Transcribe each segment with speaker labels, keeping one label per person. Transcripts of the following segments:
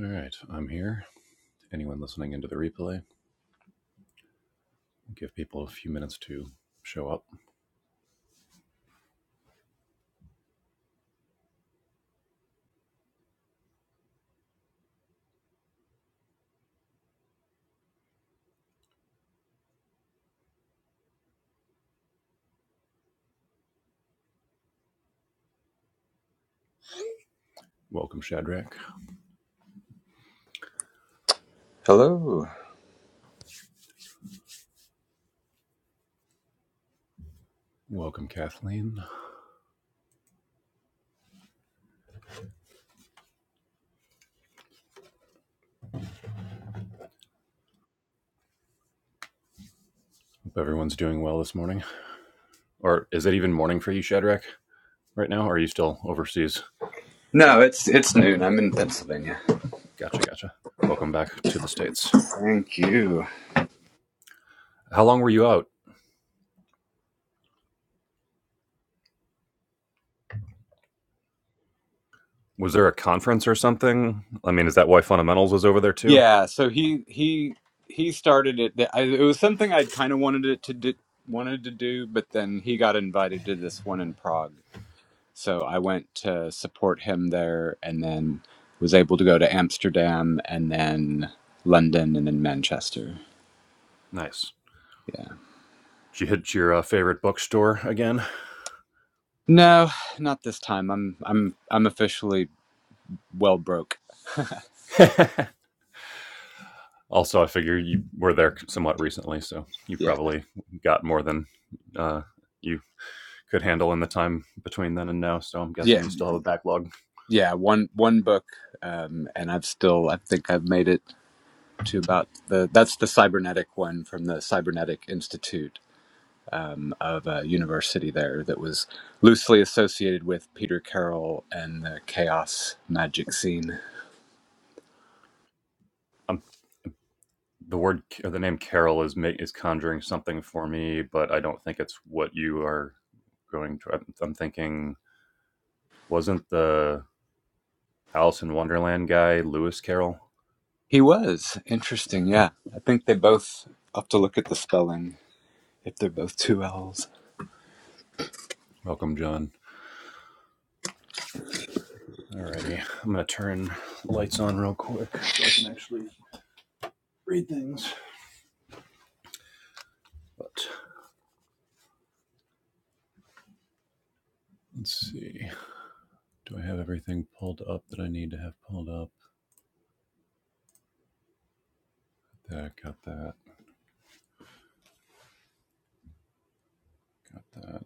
Speaker 1: All right, I'm here. Anyone listening into the replay, give people a few minutes to show up. Welcome, Shadrach.
Speaker 2: Hello.
Speaker 1: Welcome, Kathleen. Hope everyone's doing well this morning. Or is it even morning for you, Shadrach, right now? Or are you still overseas?
Speaker 2: No, it's it's noon. I'm in Pennsylvania.
Speaker 1: Gotcha, gotcha. Welcome back to the States.
Speaker 2: Thank you.
Speaker 1: How long were you out? Was there a conference or something? I mean, is that why Fundamentals is over there too?
Speaker 2: Yeah, so he he he started it. I, it was something I kind of wanted it to do, wanted to do, but then he got invited to this one in Prague, so I went to support him there, and then was able to go to Amsterdam, and then London, and then Manchester.
Speaker 1: Nice.
Speaker 2: Yeah.
Speaker 1: Did you hit your uh, favorite bookstore again?
Speaker 2: No, not this time. I'm I'm I'm officially well broke.
Speaker 1: Also, I figure you were there somewhat recently, so you
Speaker 2: Yeah.
Speaker 1: probably got more than uh, you could handle in the time between then and now. So I'm guessing you still have a backlog.
Speaker 2: yeah one one book um and i've still i think i've made it to about the that's the cybernetic one from the cybernetic institute um, of a university there that was loosely associated with peter carroll and the chaos magic scene
Speaker 1: Um, the word or the name Carol is is conjuring something for me, but I don't think it's what you are going to. I'm, thinking wasn't the Alice in Wonderland guy Lewis Carroll?
Speaker 2: he was
Speaker 1: Okay.
Speaker 2: interesting yeah i think they both I'll have to look at the spelling if they're both two l's
Speaker 1: Welcome, John. Alrighty, I'm gonna turn lights on real quick so I can actually read things. But let's see. Do I have everything pulled up that I need to have pulled up? That got that. Got that.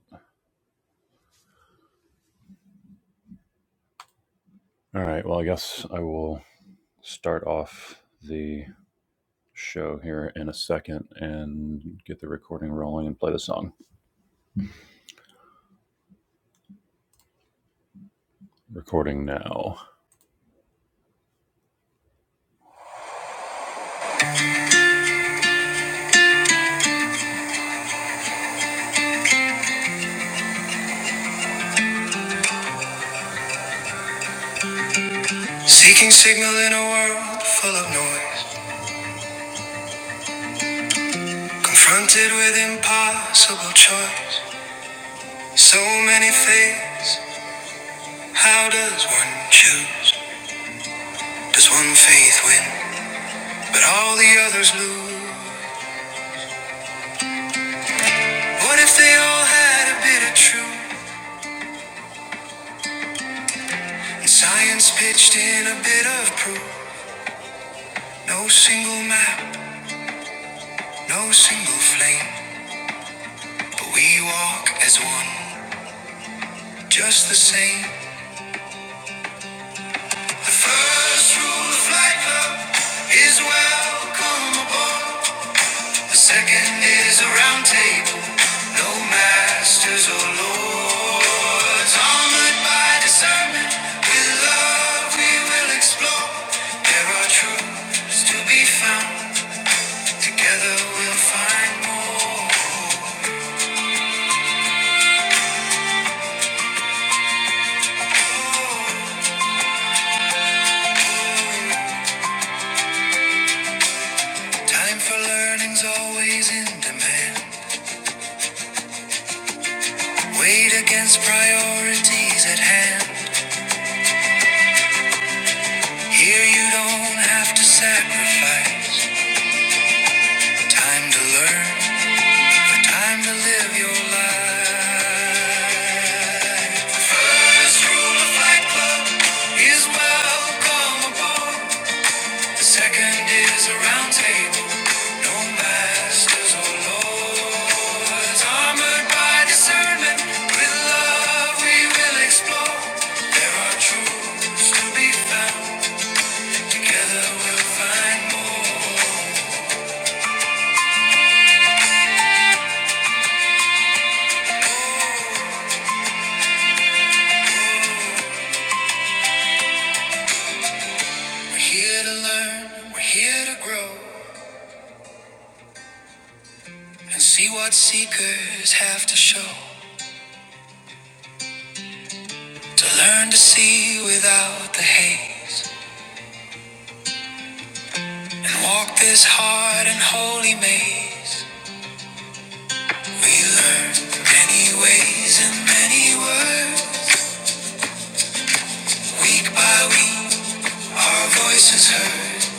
Speaker 1: All right. Well, I guess I will start off the show here in a second and get the recording rolling and play the song. Recording now. Seeking signal in a world full of noise, confronted with impossible choice. So many faiths. How does one choose? Does one faith win? But all the others lose. What if they all had a bit of truth and science pitched in a bit of proof? No single map, no single flame, but we walk as one, just the same. The first rule of Flight Club is welcome aboard. The second is a round table, no masters or lords. Armored by discernment, with love we will explore. There are truths to be found. Together we'll find more. Time for learning's always in demand. Weight against priorities at hand. Here you don't have to sacrifice. Time to learn, time to live your life. First rule of Fight Club is welcome aboard. The second is a round table. No masters or lords, armored by discernment, with love we will explore. There are truths to be found. Together we'll find more. We're here to learn, we're here to grow, and see what seekers have to show. To learn to see without the haze, and walk this hard and holy maze. We learned many ways and many words. Week by week, our voices heard.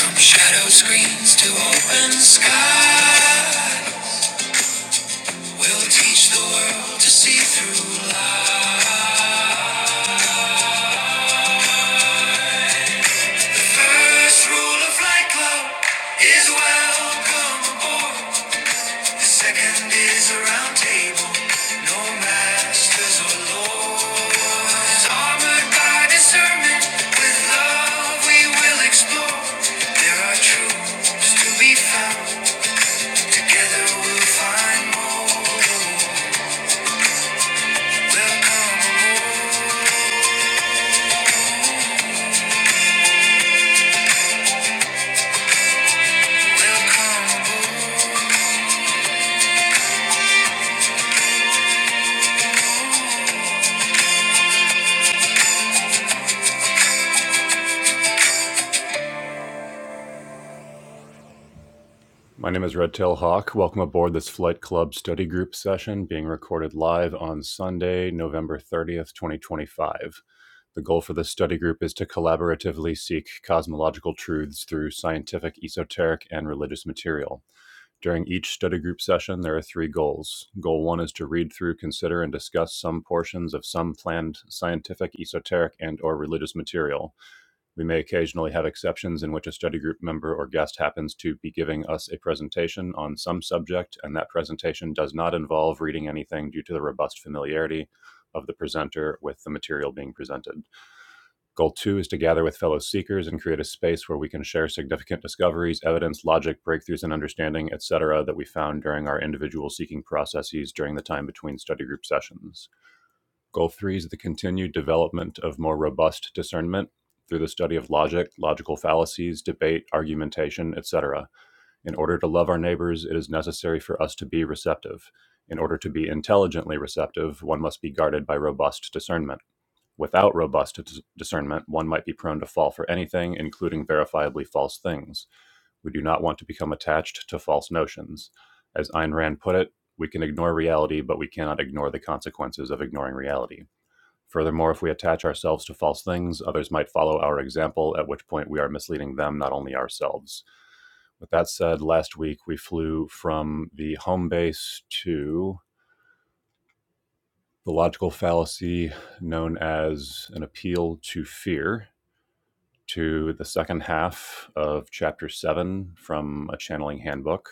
Speaker 1: From shadow screens to open sky. We'll teach the world to see through lies. First rule of Fight Club is welcome aboard. Second is a round table, no masters or lords. Armored by discernment, with love we will explore. There are truths to be found, together we'll find more. Welcome aboard, welcome aboard. My name is Redtail Hawk. Welcome aboard this Flight Club study group session being recorded live on Sunday, November 30th, 2025. The goal for this study group is to collaboratively seek cosmological truths through scientific, esoteric, and religious material. During each study group session, there are three goals. Goal one is to read through, consider, and discuss some portions of some planned scientific, esoteric, and or religious material. We may occasionally have exceptions in which a study group member or guest happens to be giving us a presentation on some subject, and that presentation does not involve reading anything due to the robust familiarity of the presenter with the material being presented. Goal two is to gather with fellow seekers and create a space where we can share significant discoveries, evidence, logic, breakthroughs, and understanding, etc., that we found during our individual seeking processes during the time between study group sessions. Goal three is the continued development of more robust discernment through the study of logic, logical fallacies, debate, argumentation, etc. In order to love our neighbors, it is necessary for us to be receptive. In order to be intelligently receptive, one must be guarded by robust discernment. Without robust discernment, one might be prone to fall for anything, including verifiably false things. We do not want to become attached to false notions. As Ayn Rand put it, we can ignore reality, but we cannot ignore the consequences of ignoring reality. Furthermore, if we attach ourselves to false things, others might follow our example, at which point we are misleading them, not only ourselves. With that said, last week we flew from the home base to the logical fallacy known as an appeal to fear to the second half of chapter 7 from a channeling handbook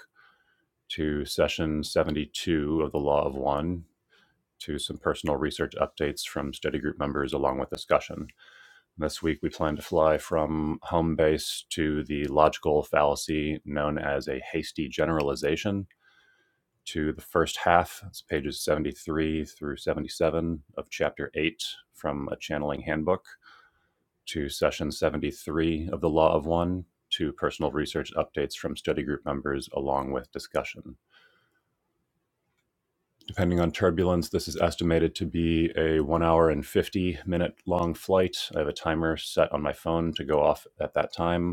Speaker 1: to session 72 of the law of one to some personal research updates from study group members along with discussion This week, we plan to fly from home base to the logical fallacy known as a hasty generalization to the first half. It's pages 73 through 77 of chapter 8 from a channeling handbook to session 73 of the Law of One to personal research updates from study group members along with discussion. Depending on turbulence, this is estimated to be a 1 hour and 50 minute long flight. I have a timer set on my phone to go off at that time.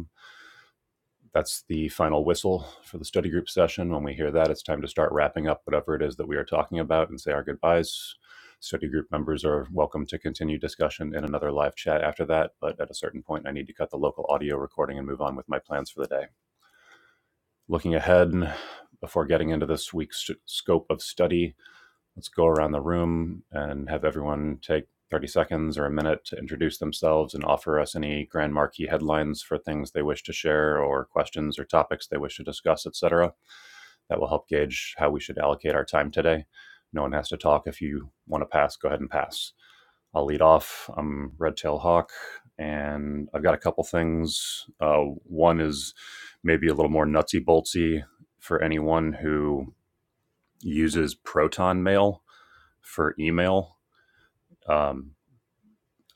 Speaker 1: That's the final whistle for the study group session. When we hear that, it's time to start wrapping up whatever it is that we are talking about and say our goodbyes. Study group members are welcome to continue discussion in another live chat after that, but at a certain point, I need to cut the local audio recording and move on with my plans for the day. Looking ahead, before getting into this week's scope of study, Let's go around the room and have everyone take 30 seconds or a minute to introduce themselves and offer us any grand marquee headlines for things they wish to share or questions or topics they wish to discuss, etc. That will help gauge how we should allocate our time today. No one has to talk. If you want to pass, go ahead and pass. I'll lead off. I'm Redtail Hawk, and I've got a couple things. Uh, one is maybe a little more nutsy boltsy for anyone who uses Proton Mail for email um,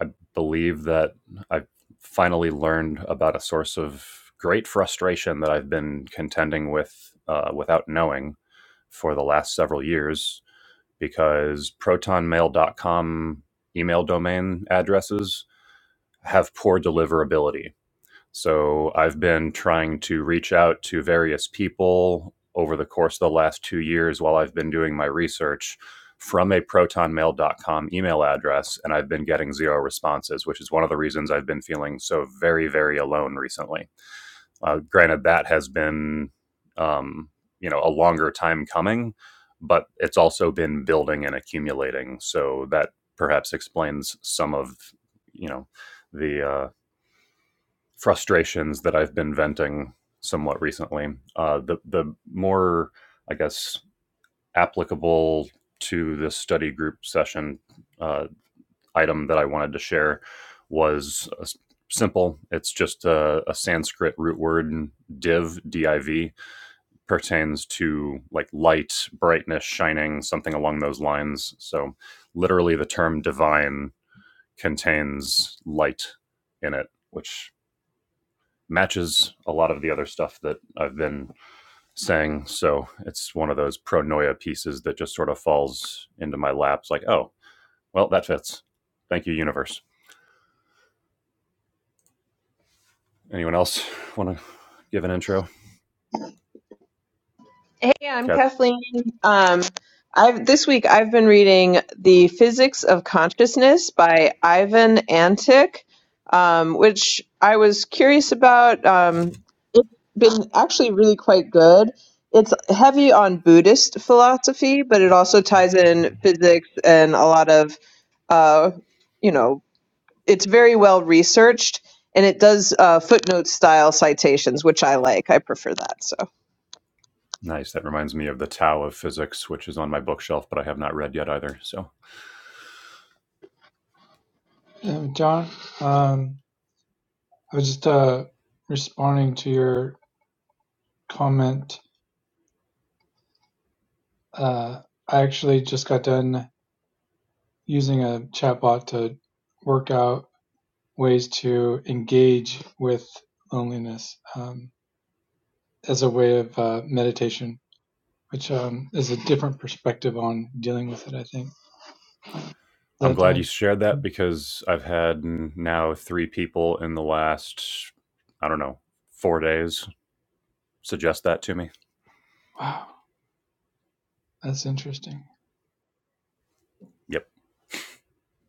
Speaker 1: I believe that I've finally learned about a source of great frustration that I've been contending with uh, without knowing for the last several years because protonmail.com email domain addresses have poor deliverability so I've been trying to reach out to various people over the course of the last two years while I've been doing my research from a protonmail.com email address, and I've been getting zero responses, which is one of the reasons I've been feeling so very, very alone recently. Uh, granted, that has been, um, you know, a longer time coming, but it's also been building and accumulating. So that perhaps explains some of, you know, the uh, frustrations that I've been venting somewhat recently. Uh, the the more I guess applicable to this study group session uh, item that I wanted to share was uh, simple. It's just a, a Sanskrit root word div div pertains to like light, brightness, shining, something along those lines. So literally, the term divine contains light in it, which matches a lot of the other stuff that I've been saying. So it's one of those pro noia pieces that just sort of falls into my lap. It's like, oh, well, that fits. Thank you, universe. Anyone else want to give an intro?
Speaker 3: Yeah, I'm
Speaker 1: Kev?
Speaker 3: Kathleen. Um, I've this week I've been reading The Physics of Consciousness by Ivan Antic, um, which I was curious about. Um, it's been actually really quite good. It's heavy on Buddhist philosophy, but it also ties in physics and a lot of, uh, you know, it's very well researched and it does uh, footnote style citations, which I like. I prefer that. So.
Speaker 1: Nice. That reminds me of the Tao of Physics, which is on my bookshelf, but I have not read yet either. So
Speaker 4: Um, John, um, I was just uh, responding to your comment. Uh, I actually just got done using a chatbot to work out ways to engage with loneliness um, as a way of uh, meditation, which um, is a different perspective on dealing with it, I think.
Speaker 1: I'm
Speaker 4: That
Speaker 1: glad
Speaker 4: uh,
Speaker 1: you shared that because I've had n- now three people in the last, I don't know, four days suggest that to me.
Speaker 4: Wow, that's interesting.
Speaker 1: Yep.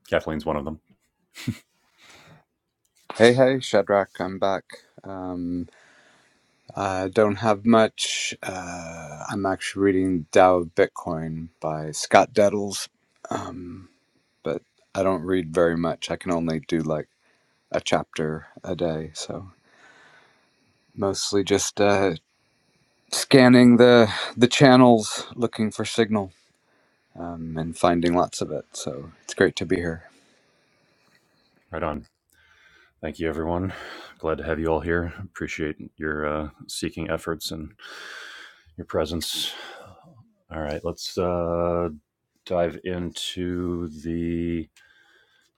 Speaker 1: Kathleen's one of them.
Speaker 2: hey hey shadrach i'm back Um, I don't have much. Uh, I'm actually reading Tao of Bitcoin by Scott Dettles, um, but I don't read very much. I can only do like a chapter a day, so mostly just uh, scanning the the channels, looking for signal, um, and finding lots of it. So it's great to be here.
Speaker 1: Right on. Thank you, everyone. Glad to have you all here. Appreciate your uh, seeking efforts and your presence. All right, let's uh, dive into the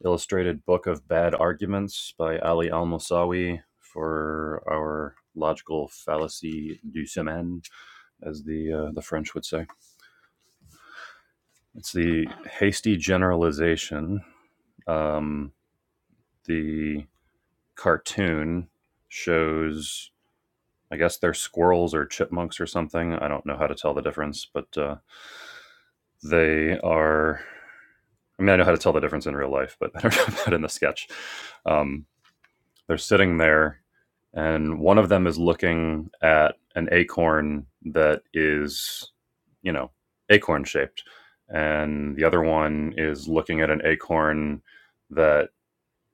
Speaker 1: Illustrated Book of Bad Arguments by Ali Al Mosawi for our logical fallacy du semaine, as the uh, the French would say. It's the hasty generalization. Um, the cartoon shows, I guess they're squirrels or chipmunks or something. I don't know how to tell the difference, but uh, they are. I mean, I know how to tell the difference in real life, but I don't know about in the sketch. Um, They're sitting there, and one of them is looking at an acorn that is, you know, acorn shaped, and the other one is looking at an acorn that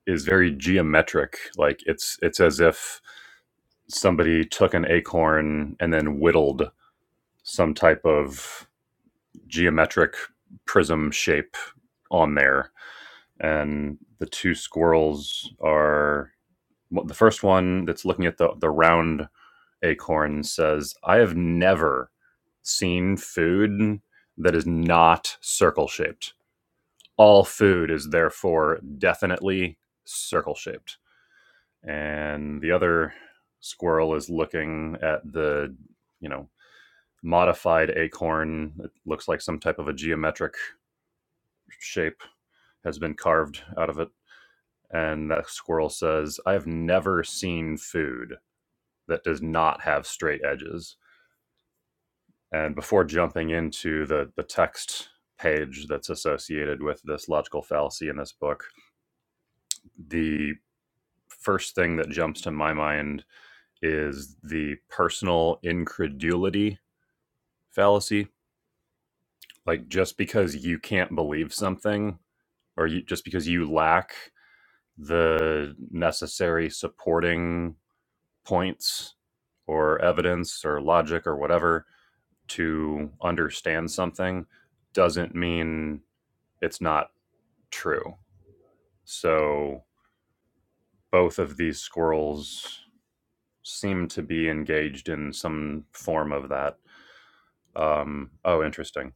Speaker 1: is very geometric. Like it's it's as if somebody took an acorn and then whittled some type of geometric prism shape on there. And the two squirrels are well, the first one that's looking at the, the round Acorn says, I have never seen food that is not circle shaped. All food is therefore definitely circle shaped. And the other squirrel is looking at the, you know, modified acorn. It looks like some type of a geometric shape has been carved out of it. And that squirrel says, I have never seen food that does not have straight edges. And before jumping into the, the text page that's associated with this logical fallacy in this book, the first thing that jumps to my mind is the personal incredulity fallacy. Like, just because you can't believe something, or you, just because you lack the necessary supporting points or evidence or logic or whatever to understand something, doesn't mean it's not true. So both of these squirrels seem to be engaged in some form of that. Um, oh, interesting.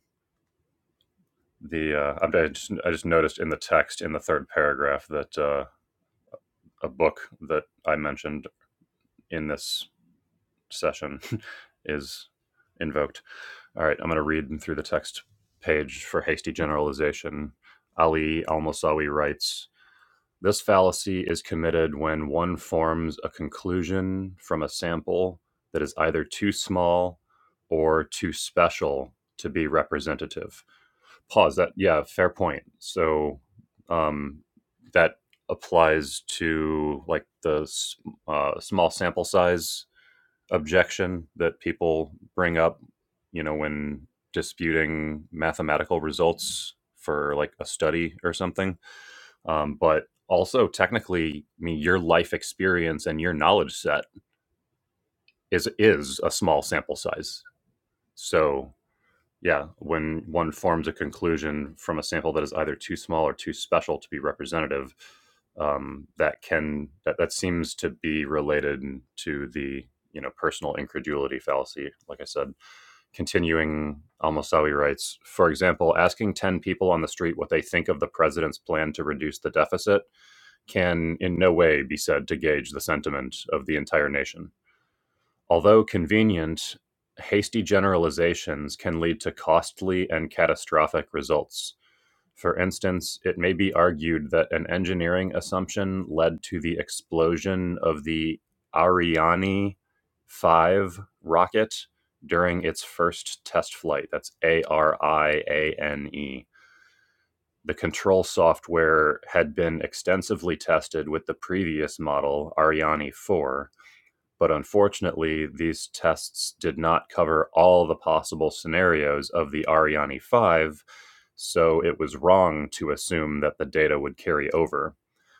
Speaker 1: The uh, I just I just noticed in the text in the third paragraph that uh, a book that I mentioned in this session is invoked. All right, I'm going to read through the text page for hasty generalization. Ali Al Masawi writes This fallacy is committed when one forms a conclusion from a sample that is either too small or too special to be representative. Pause. That yeah, fair point. So um, that applies to like the uh, small sample size objection that people bring up. You know, when disputing mathematical results for like a study or something um, but also technically i mean your life experience and your knowledge set is is a small sample size so yeah when one forms a conclusion from a sample that is either too small or too special to be representative um, that can that, that seems to be related to the you know personal incredulity fallacy like i said continuing Al-Mosawi writes, for example, asking 10 people on the street what they think of the president's plan to reduce the deficit can in no way be said to gauge the sentiment of the entire nation. Although convenient, hasty generalizations can lead to costly and catastrophic results. For instance, it may be argued that an engineering assumption led to the explosion of the Ariane 5 rocket during its first test flight. That's A R I A N E the control software had been extensively tested with the previous model, Ariane 4, but unfortunately, these tests did not cover all the possible scenarios of the Ariane 5, so it was wrong to assume that the data would carry over.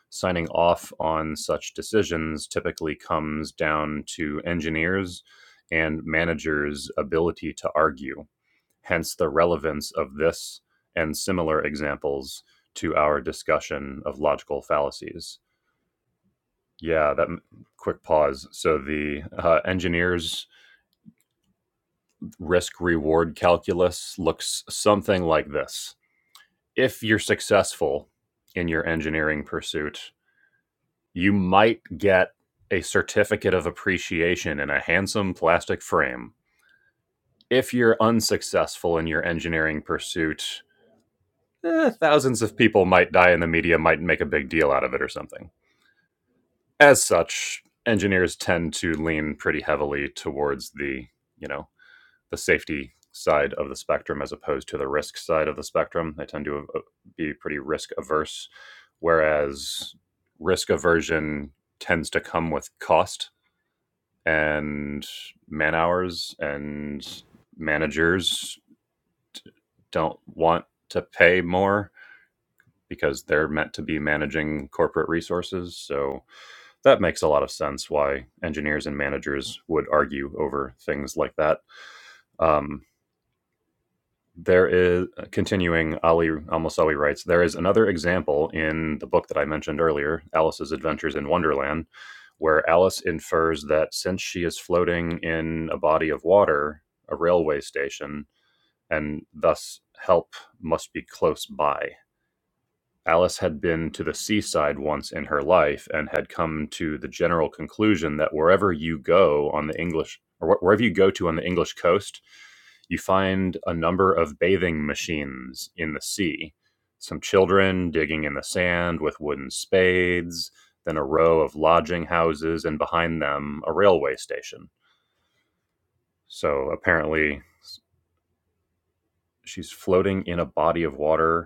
Speaker 1: Signing off on such decisions typically comes down to engineers and managers' ability to argue hence the relevance of this and similar examples to our discussion of logical fallacies. Yeah, that quick pause. So the uh, engineer's risk reward calculus looks something like this. If you're successful in your engineering pursuit, you might get a certificate of appreciation in a handsome plastic frame. If you're unsuccessful in your engineering pursuit, eh, thousands of people might die and the media might make a big deal out of it or something. As such, engineers tend to lean pretty heavily towards the, you know, the safety side of the spectrum as opposed to the risk side of the spectrum. They tend to uh, be pretty risk averse, whereas risk aversion tends to come with cost and man hours and managers don't want to pay more because they're meant to be managing corporate resources. So that makes a lot of sense why engineers and managers would argue over things like that. Um, there is uh, continuing Ali Almosawi writes there is another example in the book that I mentioned earlier, Alice's Adventures in Wonderland, where Alice infers that since she is floating in a body of water, a railway station, and thus help must be close by Alice had been to the seaside once in her life and had come to the general conclusion that wherever you go on the English or wherever you go to on the English coast, you find a number of bathing machines in the sea. Some children digging in the sand with wooden spades, then a row of lodging houses, and behind them, a railway station. So apparently, she's floating in a body of water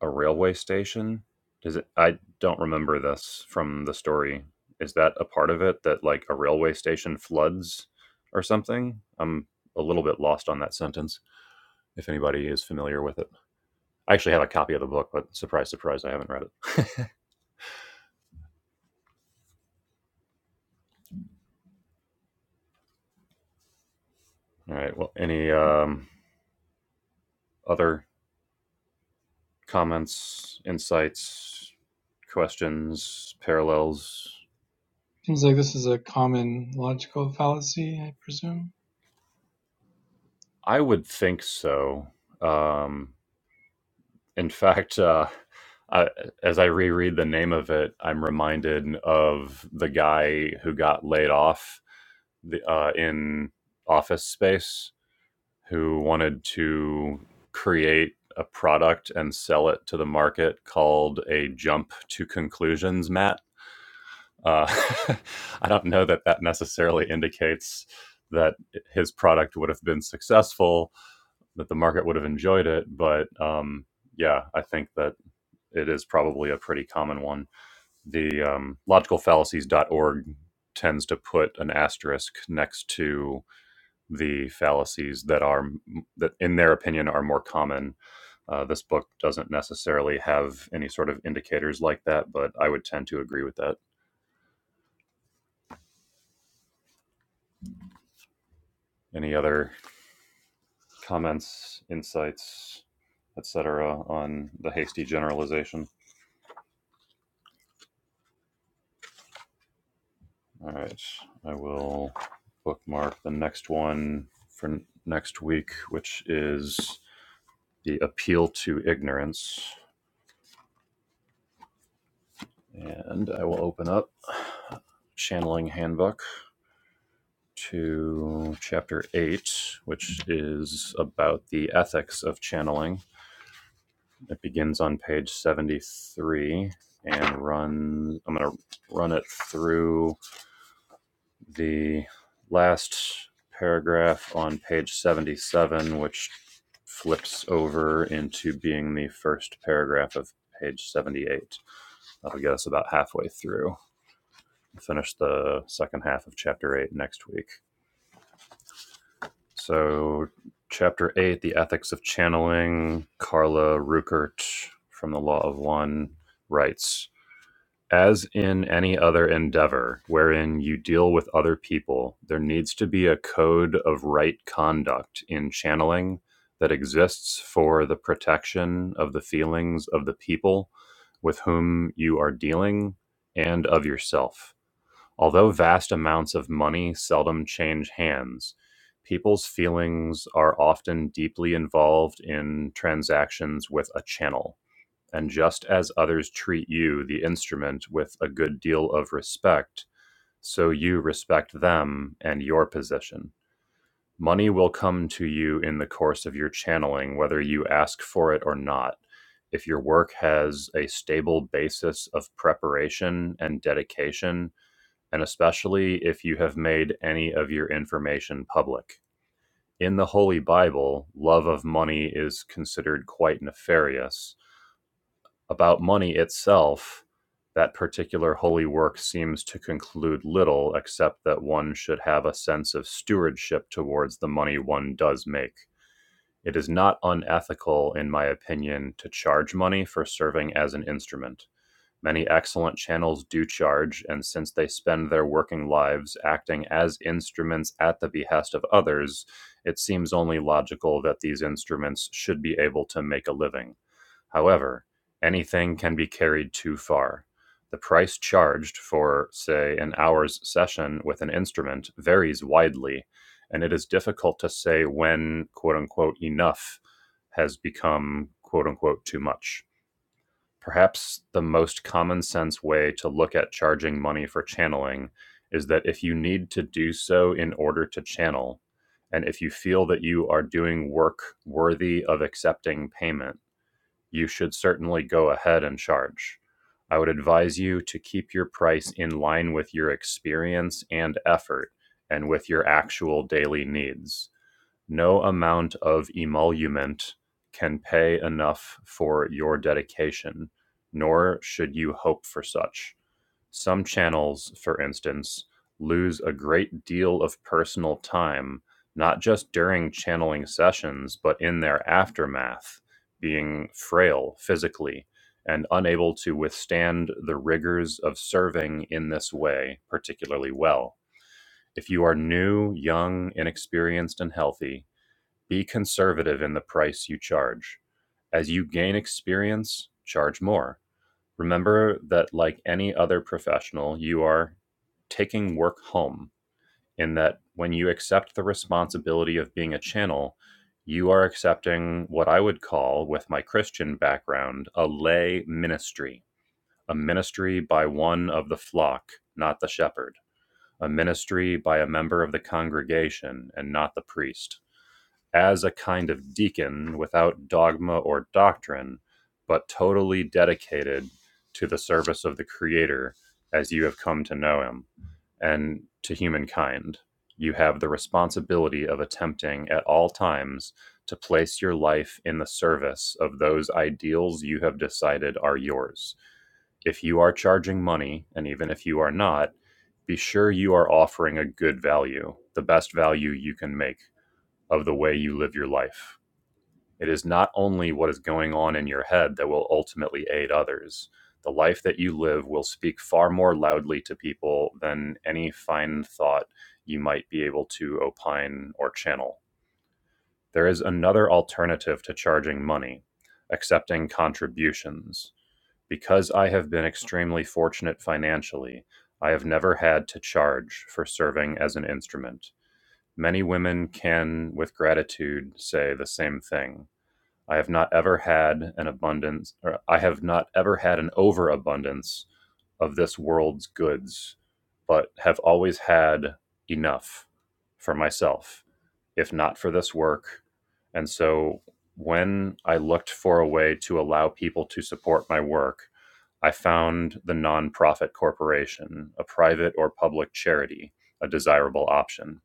Speaker 1: a railway station? Does it? I don't remember this from the story. Is that a part of it that like a railway station floods or something? I'm a little bit lost on that sentence. If anybody is familiar with it, I actually have a copy of the book, but surprise, surprise, I haven't read it. All right. Well, any um, other comments, insights, questions, parallels?
Speaker 4: Seems like this is a common logical fallacy, I presume.
Speaker 1: I would think so. Um, In fact, uh, I, as I reread the name of it, I'm reminded of the guy who got laid off the, uh, in Office Space, who wanted to create a product and sell it to the market called a jump to conclusions mat. Uh, I don't know that that necessarily indicates that his product would have been successful, that the market would have enjoyed it, but um, yeah, I think that it is probably a pretty common one. The um, logical fallacies dot org tends to put an asterisk next to the fallacies that are that, in their opinion, are more common. Uh, this book doesn't necessarily have any sort of indicators like that, but I would tend to agree with that. Any other comments, insights, etc., on the hasty generalization? All right. I will bookmark the next one for next week, which is the appeal to ignorance. And I will open up Channeling Handbook to chapter 8, which is about the ethics of channeling. It begins on page 73 and runs, I'm going to run it through the last paragraph on page 77, which flips over into being the first paragraph of page 78. That'll get us about halfway through. We'll Finish the second half of chapter 8 next week. So, chapter 8, The Ethics of Channeling, Carla Ruckert from the Law of One writes As in any other endeavor wherein you deal with other people, there needs to be a code of right conduct in channeling that exists for the protection of the feelings of the people with whom you are dealing and of yourself. Although vast amounts of money seldom change hands, people's feelings are often deeply involved in transactions with a channel and just as others treat you, the instrument, with a good deal of respect, so you respect them and your position. Money will come to you in the course of your channeling, whether you ask for it or not. If your work has a stable basis of preparation and dedication, and especially if you have made any of your information public. In the Holy Bible, love of money is considered quite nefarious about money itself, that particular holy work seems to conclude little except that one should have a sense of stewardship towards the money one does make. It is not unethical, in my opinion, to charge money for serving as an instrument. Many excellent channels do charge, and since they spend their working lives acting as instruments at the behest of others, it seems only logical that these instruments should be able to make a living. However, anything can be carried too far. The price charged for, say, an hour's session with an instrument varies widely, and it is difficult to say when quote unquote enough has become quote unquote too much. Perhaps the most common sense way to look at charging money for channeling is that if you need to do so in order to channel, and if you feel that you are doing work worthy of accepting payment, you should certainly go ahead and charge. I would advise you to keep your price in line with your experience and effort and with your actual daily needs. No amount of emolument can pay enough for your dedication, nor should you hope for such. Some channels, for instance, lose a great deal of personal time, not just during channeling sessions, but in their aftermath, being frail physically and unable to withstand the rigors of serving in this way particularly well. If you are new, young, inexperienced, and healthy, be conservative in the price you charge. As you gain experience, charge more Remember that, like any other professional, you are taking work home, in that when you accept the responsibility of being a channel, you are accepting what I would call, with my Christian background, a lay ministry, a ministry by one of the flock, not the shepherd, a ministry by a member of the congregation, and not the priest as a kind of deacon without dogma or doctrine, but totally dedicated to the service of the Creator as you have come to know Him and to humankind. You have the responsibility of attempting at all times to place your life in the service of those ideals you have decided are yours if you are charging money, and even if you are not, be sure you are offering a good value, the best value you can make of the way you live your life. It is not only what is going on in your head that will ultimately aid others. The life that you live will speak far more loudly to people than any fine thought you might be able to opine or channel. There is another alternative to charging money accepting contributions. Because I have been extremely fortunate financially, I have never had to charge for serving as an instrument. Many women can, with gratitude, say the same thing. I have not ever had an abundance, or I have not ever had an overabundance of this world's goods, but have always had enough for myself, if not for this work. And so when I looked for a way to allow people to support my work, I found the nonprofit corporation, a private or public charity, a desirable option.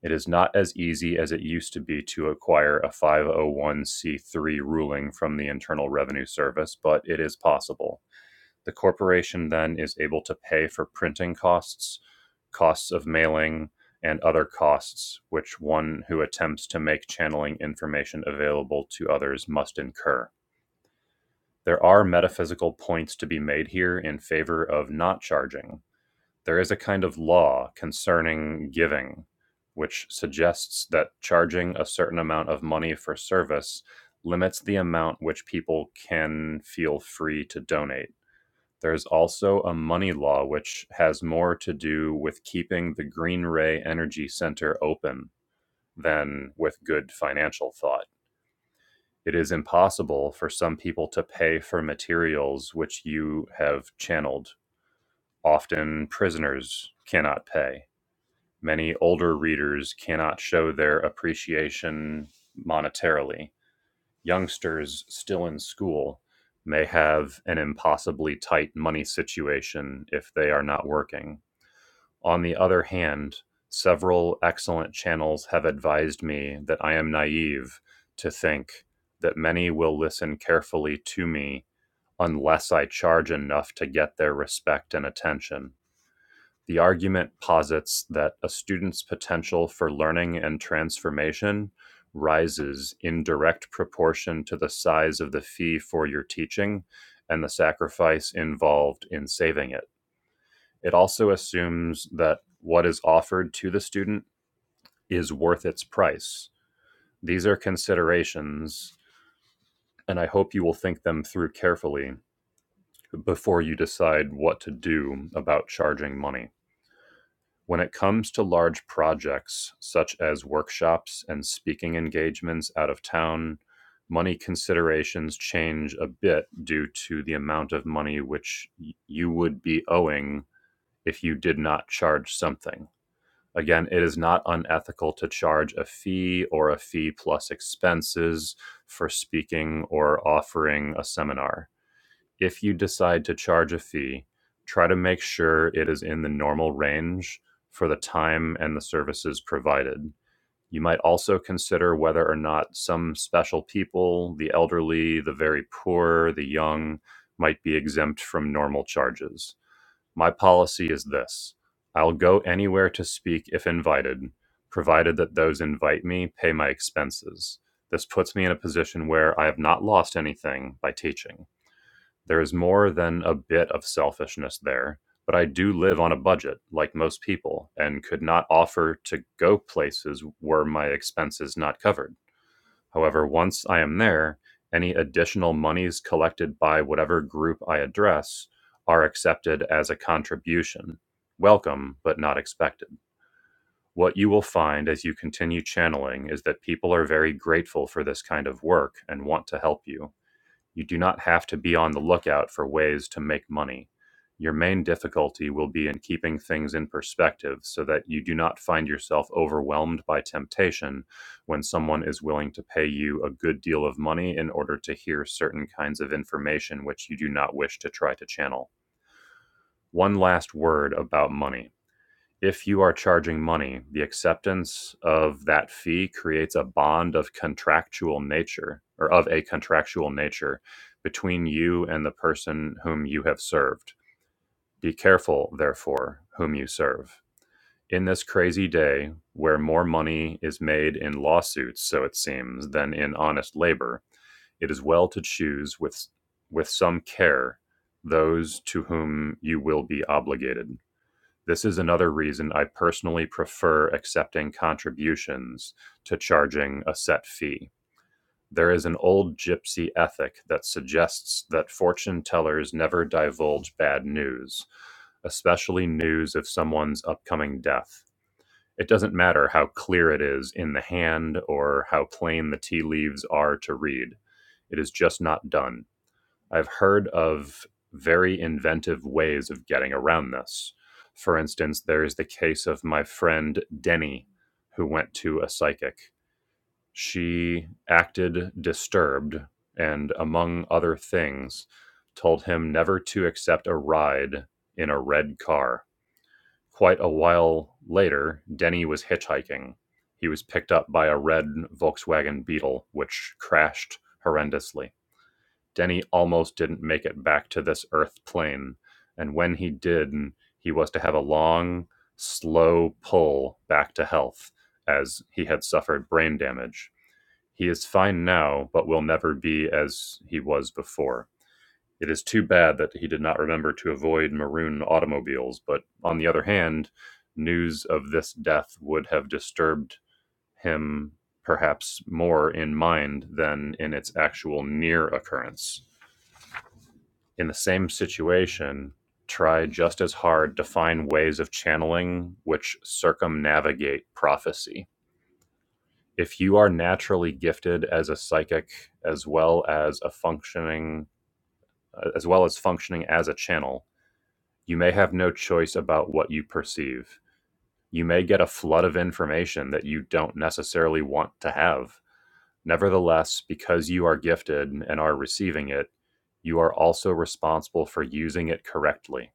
Speaker 1: It is not as easy as it used to be to acquire a 501c3 ruling from the Internal Revenue Service, but it is possible. The corporation then is able to pay for printing costs, costs of mailing, and other costs which one who attempts to make channeling information available to others must incur. There are metaphysical points to be made here in favor of not charging there is a kind of law concerning giving, which suggests that charging a certain amount of money for service limits the amount which people can feel free to donate. There's also a money law which has more to do with keeping the Green Ray Energy Center open than with good financial thought. It is impossible for some people to pay for materials which you have channeled. Often prisoners cannot pay Many older readers cannot show their appreciation monetarily. Youngsters still in school may have an impossibly tight money situation if they are not working. On the other hand, several excellent channels have advised me that I am naive to think that many will listen carefully to me unless I charge enough to get their respect and attention. The argument posits that a student's potential for learning and transformation rises in direct proportion to the size of the fee for your teaching and the sacrifice involved in saving it. It also assumes that what is offered to the student is worth its price. These are considerations, and I hope you will think them through carefully before you decide what to do about charging money. When it comes to large projects, such as workshops and speaking engagements out of town, money considerations change a bit due to the amount of money which you would be owing if you did not charge something. Again, it is not unethical to charge a fee or a fee plus expenses for speaking or offering a seminar if you decide to charge a fee, try to make sure it is in the normal range for the time and the services provided. You might also consider whether or not some special people, the elderly, the very poor, the young, might be exempt from normal charges. My policy is this I'll go anywhere to speak if invited, provided that those invite me pay my expenses. This puts me in a position where I have not lost anything by teaching. There is more than a bit of selfishness there, but I do live on a budget, like most people, and could not offer to go places were my expenses not covered. However, once I am there, any additional monies collected by whatever group I address are accepted as a contribution, welcome but not expected. What you will find as you continue channeling is that people are very grateful for this kind of work and want to help you you do not have to be on the lookout for ways to make money. Your main difficulty will be in keeping things in perspective so that you do not find yourself overwhelmed by temptation when someone is willing to pay you a good deal of money in order to hear certain kinds of information which you do not wish to try to channel. One last word about money if you are charging money, the acceptance of that fee creates a bond of contractual nature or of a contractual nature between you and the person whom you have served. Be careful, therefore, whom you serve. In this crazy day where more money is made in lawsuits, so it seems, than in honest labor, it is well to choose with, with some care those to whom you will be obligated. This is another reason I personally prefer accepting contributions to charging a set fee. There is an old gypsy ethic that suggests that fortune tellers never divulge bad news, especially news of someone's upcoming death. It doesn't matter how clear it is in the hand or how plain the tea leaves are to read, it is just not done. I've heard of very inventive ways of getting around this. For instance, there is the case of my friend Denny, who went to a psychic. She acted disturbed and, among other things, told him never to accept a ride in a red car. Quite a while later, Denny was hitchhiking. He was picked up by a red Volkswagen Beetle, which crashed horrendously Denny almost didn't make it back to this Earth plane. And when he did, he was to have a long, slow pull back to health as he had suffered brain damage. He is fine now, but will never be as he was before. It is too bad that he did not remember to avoid maroon automobiles, but on the other hand, news of this death would have disturbed him perhaps more in mind than in its actual near occurrence in the same situation try just as hard to find ways of channeling which circumnavigate prophecy. If you are naturally gifted as a psychic as well as a functioning uh, as well as functioning as a channel, you may have no choice about what you perceive. You may get a flood of information that you don't necessarily want to have. Nevertheless, because you are gifted and are receiving it, you are also responsible for using it correctly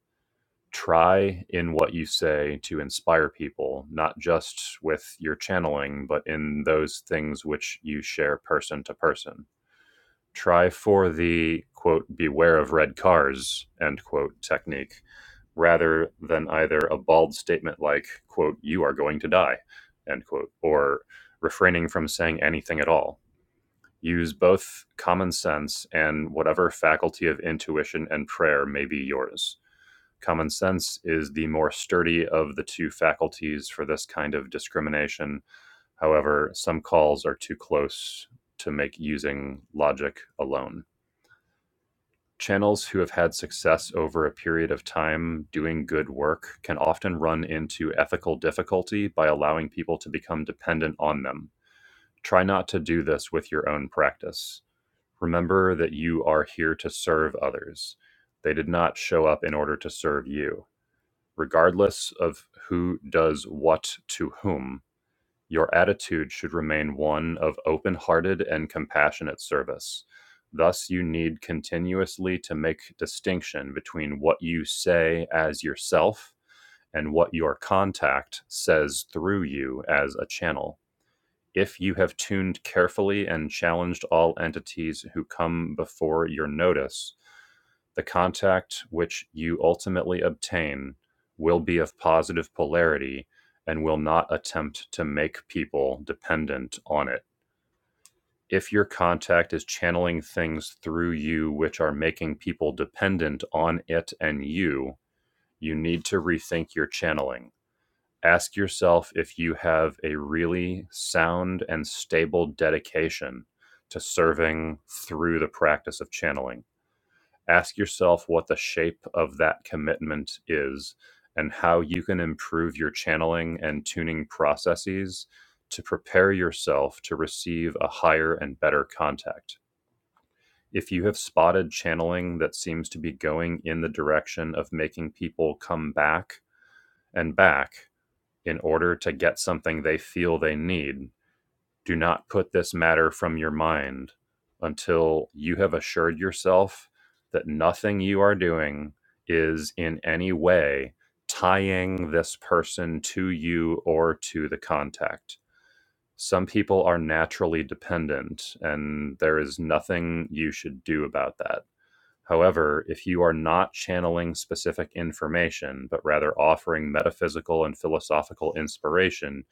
Speaker 1: try in what you say to inspire people, not just with your channeling, but in those things which you share person to person. Try for the quote, beware of red cars, end quote technique, rather than either a bald statement like, quote, you are going to die, end quote, or refraining from saying anything at all. Use both common sense and whatever faculty of intuition and prayer may be yours Common sense is the more sturdy of the two faculties for this kind of discrimination. However, some calls are too close to make using logic alone. Channels who have had success over a period of time doing good work can often run into ethical difficulty by allowing people to become dependent on them. Try not to do this with your own practice. Remember that you are here to serve others. They did not show up in order to serve you regardless of who does what to whom, your attitude should remain one of open hearted and compassionate service. Thus, you need continuously to make distinction between what you say as yourself and what your contact says through you as a channel. If you have tuned carefully and challenged all entities who come before your notice, the contact which you ultimately obtain will be of positive polarity and will not attempt to make people dependent on it. If your contact is channeling things through you which are making people dependent on it and you, you need to rethink your channeling ask yourself if you have a really sound and stable dedication to serving through the practice of channeling. Ask yourself what the shape of that commitment is and how you can improve your channeling and tuning processes to prepare yourself to receive a higher and better contact. If you have spotted channeling that seems to be going in the direction of making people come back and back in order to get something they feel they need. Do not put this matter from your mind until you have assured yourself that nothing you are doing is in any way tying this person to you or to the contact. Some people are naturally dependent, and there is nothing you should do about that. However, if you are not channeling specific information, but rather offering metaphysical and philosophical inspiration,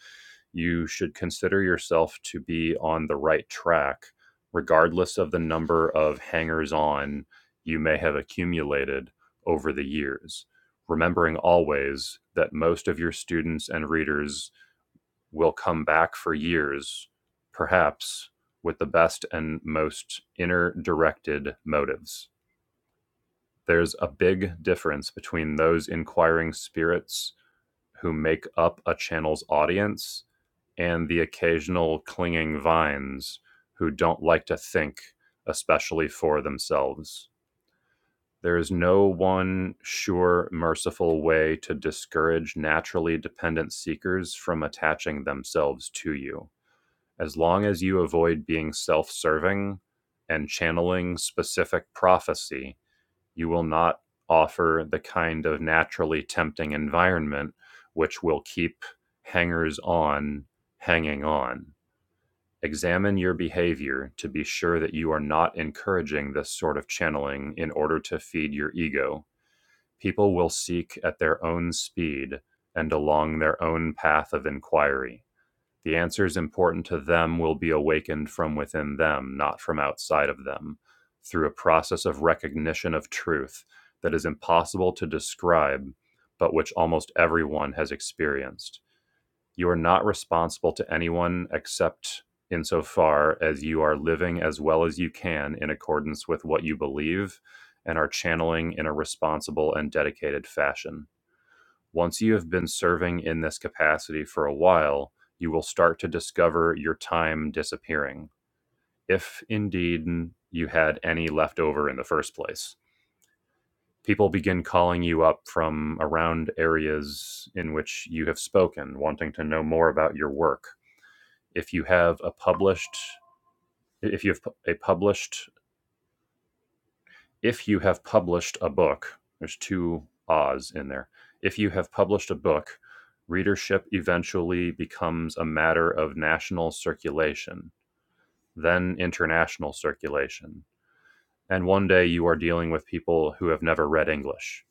Speaker 1: you should consider yourself to be on the right track, regardless of the number of hangers on you may have accumulated over the years. Remembering always that most of your students and readers will come back for years, perhaps with the best and most inner directed motives. There's a big difference between those inquiring spirits who make up a channel's audience and the occasional clinging vines who don't like to think, especially for themselves. There is no one sure, merciful way to discourage naturally dependent seekers from attaching themselves to you. As long as you avoid being self serving and channeling specific prophecy, you will not offer the kind of naturally tempting environment which will keep hangers on hanging on. Examine your behavior to be sure that you are not encouraging this sort of channeling in order to feed your ego. People will seek at their own speed and along their own path of inquiry. The answers important to them will be awakened from within them, not from outside of them, through a process of recognition of truth that is impossible to describe, but which almost everyone has experienced. You are not responsible to anyone except insofar as you are living as well as you can in accordance with what you believe and are channeling in a responsible and dedicated fashion. Once you have been serving in this capacity for a while, you will start to discover your time disappearing, if indeed you had any left over in the first place. People begin calling you up from around areas in which you have spoken, wanting to know more about your work. If you have a published if you have a published if you have published a book, there's two ahs in there. If you have published a book, readership eventually becomes a matter of national circulation, then international circulation. And one day you are dealing with people who have never read English.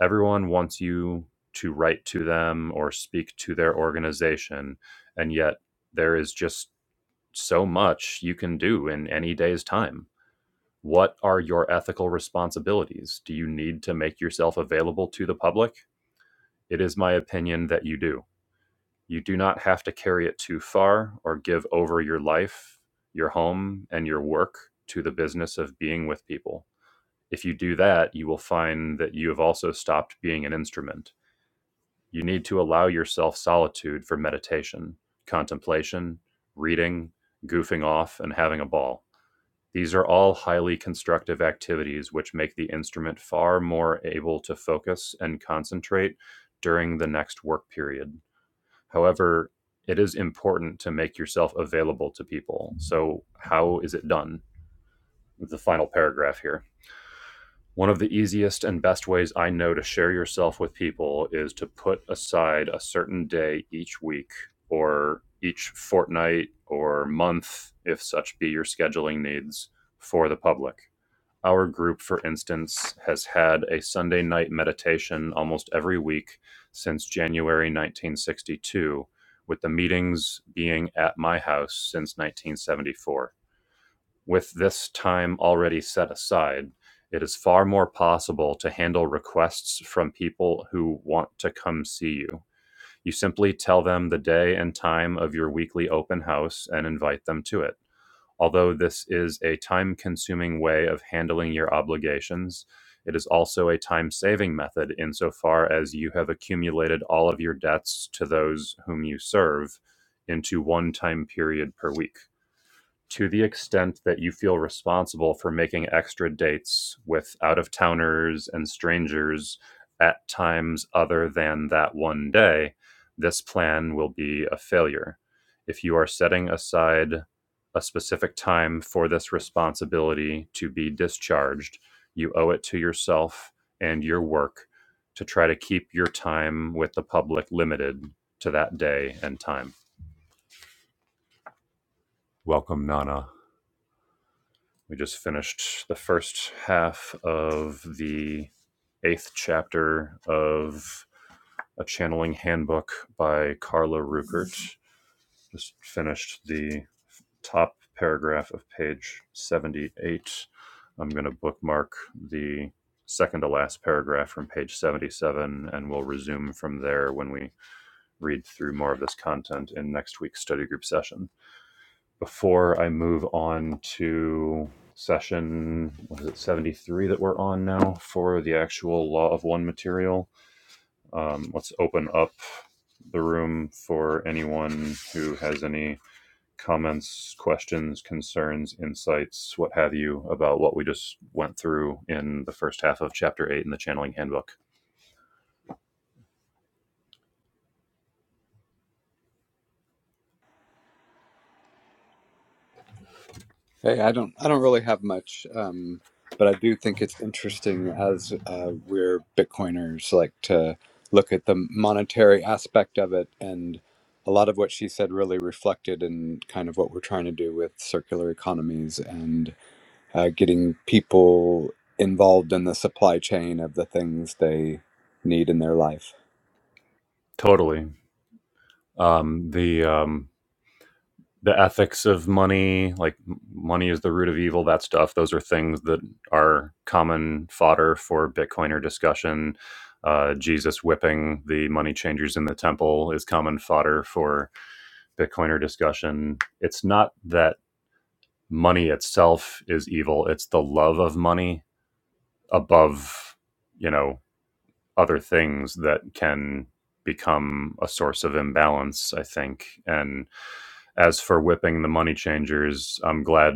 Speaker 1: Everyone wants you to write to them or speak to their organization, and yet there is just so much you can do in any day's time what are your ethical responsibilities? Do you need to make yourself available to the public? It is my opinion that you do. You do not have to carry it too far or give over your life, your home, and your work to the business of being with people. If you do that, you will find that you have also stopped being an instrument. You need to allow yourself solitude for meditation, contemplation, reading, goofing off, and having a ball. These are all highly constructive activities which make the instrument far more able to focus and concentrate during the next work period. However, it is important to make yourself available to people. So, how is it done? The final paragraph here. One of the easiest and best ways I know to share yourself with people is to put aside a certain day each week or each fortnight or month, if such be your scheduling needs, for the public. Our group, for instance, has had a Sunday night meditation almost every week since January 1962, with the meetings being at my house since 1974. With this time already set aside, it is far more possible to handle requests from people who want to come see you. You simply tell them the day and time of your weekly open house and invite them to it. Although this is a time consuming way of handling your obligations, it is also a time saving method insofar as you have accumulated all of your debts to those whom you serve into one time period per week to the extent that you feel responsible for making extra dates with out of towners and strangers at times other than that one day, this plan will be a failure. If you are setting aside a specific time for this responsibility to be discharged, you owe it to yourself and your work to try to keep your time with the public limited to that day and time. Welcome, Nana. We just finished the first half of the eighth chapter of A Channeling Handbook by Carla Ruckert. Just finished the top paragraph of page 78. I'm going to bookmark the second to last paragraph from page 77, and we'll resume from there when we read through more of this content in next week's study group session before I move on to session what is it 73 that we're on now for the actual law of one material um, let's open up the room for anyone who has any comments questions concerns insights what have you about what we just went through in the first half of chapter 8 in the channeling handbook
Speaker 2: Hey, I don't I don't really have much, um, but I do think it's interesting as uh, we're Bitcoiners like to look at the monetary aspect of it, and a lot of what she said really reflected in kind of what we're trying to do with circular economies and uh, getting people involved in the supply chain of the things they need in their life.
Speaker 1: totally um, the um, the ethics of money, like money is the root of evil, that stuff. Those are things that are common fodder for Bitcoiner discussion. Uh, Jesus whipping the money changers in the temple is common fodder for Bitcoiner discussion. It's not that money itself is evil, it's the love of money above, you know, other things that can become a source of imbalance, I think. And as for whipping the money changers, I'm glad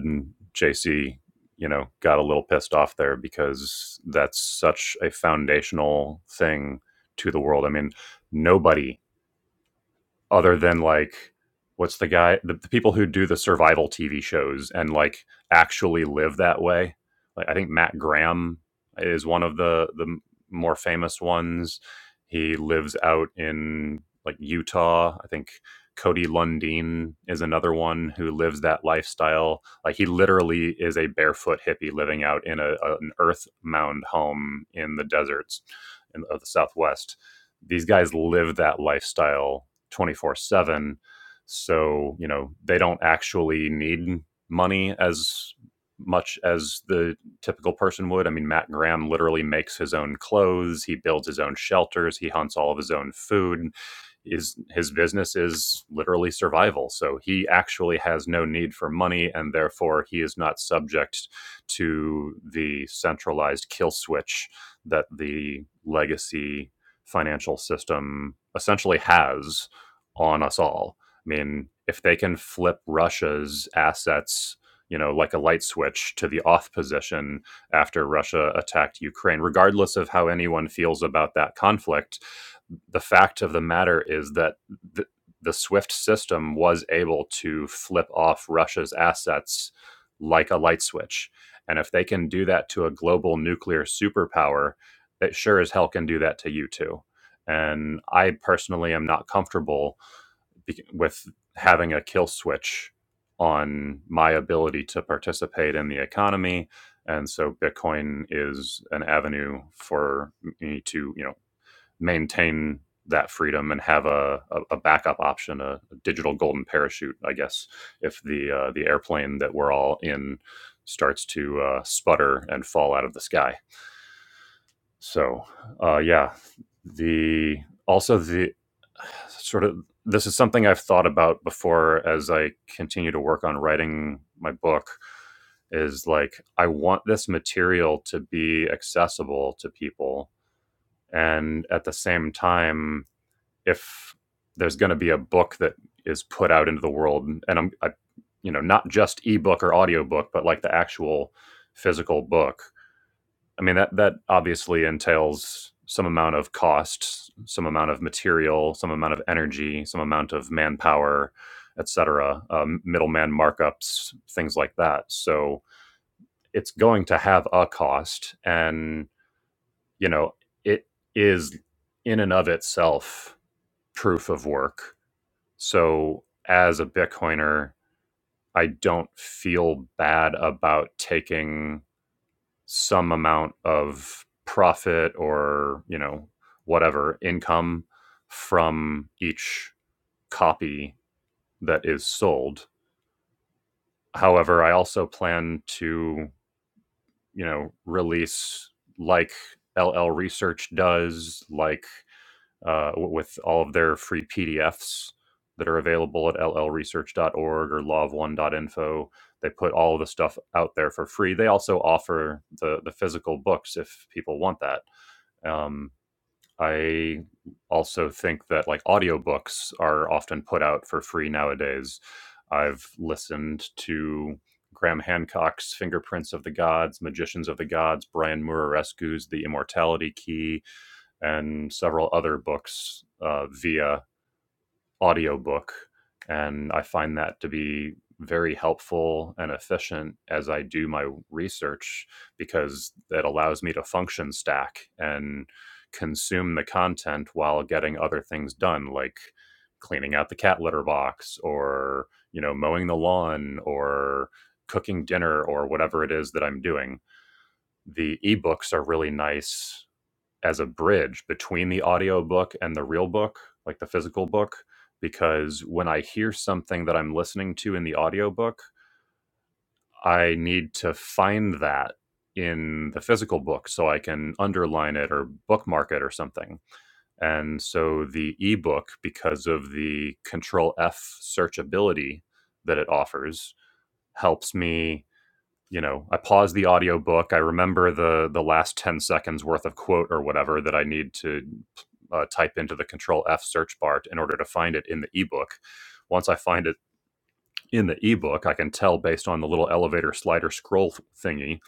Speaker 1: JC, you know, got a little pissed off there because that's such a foundational thing to the world. I mean, nobody other than like what's the guy the, the people who do the survival tv shows and like actually live that way like i think matt graham is one of the the more famous ones he lives out in like utah i think cody lundeen is another one who lives that lifestyle like he literally is a barefoot hippie living out in a, a- an earth mound home in the deserts in, of the southwest these guys live that lifestyle 24 7. So, you know, they don't actually need money as much as the typical person would. I mean, Matt Graham literally makes his own clothes, he builds his own shelters, he hunts all of his own food. Is his business is literally survival. So he actually has no need for money and therefore he is not subject to the centralized kill switch that the legacy financial system essentially has on us all. I mean, if they can flip Russia's assets, you know, like a light switch to the off position after Russia attacked Ukraine, regardless of how anyone feels about that conflict, the fact of the matter is that the, the SWIFT system was able to flip off Russia's assets like a light switch. And if they can do that to a global nuclear superpower, it sure as hell can do that to you too. And I personally am not comfortable with having a kill switch on my ability to participate in the economy and so bitcoin is an avenue for me to you know maintain that freedom and have a, a, a backup option a, a digital golden parachute i guess if the uh, the airplane that we're all in starts to uh, sputter and fall out of the sky so uh, yeah the also the sort of this is something I've thought about before as I continue to work on writing my book is like I want this material to be accessible to people and at the same time if there's going to be a book that is put out into the world and I'm I, you know not just ebook or audiobook but like the actual physical book I mean that that obviously entails some amount of cost, some amount of material, some amount of energy, some amount of manpower, et cetera, um, middleman markups, things like that. So it's going to have a cost, and you know it is in and of itself proof of work. So as a Bitcoiner, I don't feel bad about taking some amount of profit or you know whatever income from each copy that is sold however i also plan to you know release like ll research does like uh, with all of their free pdfs that are available at l l research dot org or law of one dot info. they put all of the stuff out there for free they also offer the the physical books if people want that um, I also think that like audiobooks are often put out for free nowadays. I've listened to Graham Hancock's Fingerprints of the Gods, Magicians of the Gods, Brian Murarescu's The Immortality Key, and several other books uh, via audiobook and i find that to be very helpful and efficient as i do my research because it allows me to function stack and consume the content while getting other things done like cleaning out the cat litter box or you know mowing the lawn or cooking dinner or whatever it is that i'm doing the ebooks are really nice as a bridge between the audiobook and the real book, like the physical book, because when I hear something that I'm listening to in the audiobook, I need to find that in the physical book so I can underline it or bookmark it or something. And so the ebook, because of the control F searchability that it offers, helps me you know i pause the audiobook i remember the the last 10 seconds worth of quote or whatever that i need to uh, type into the control f search bar in order to find it in the ebook once i find it in the ebook i can tell based on the little elevator slider scroll thingy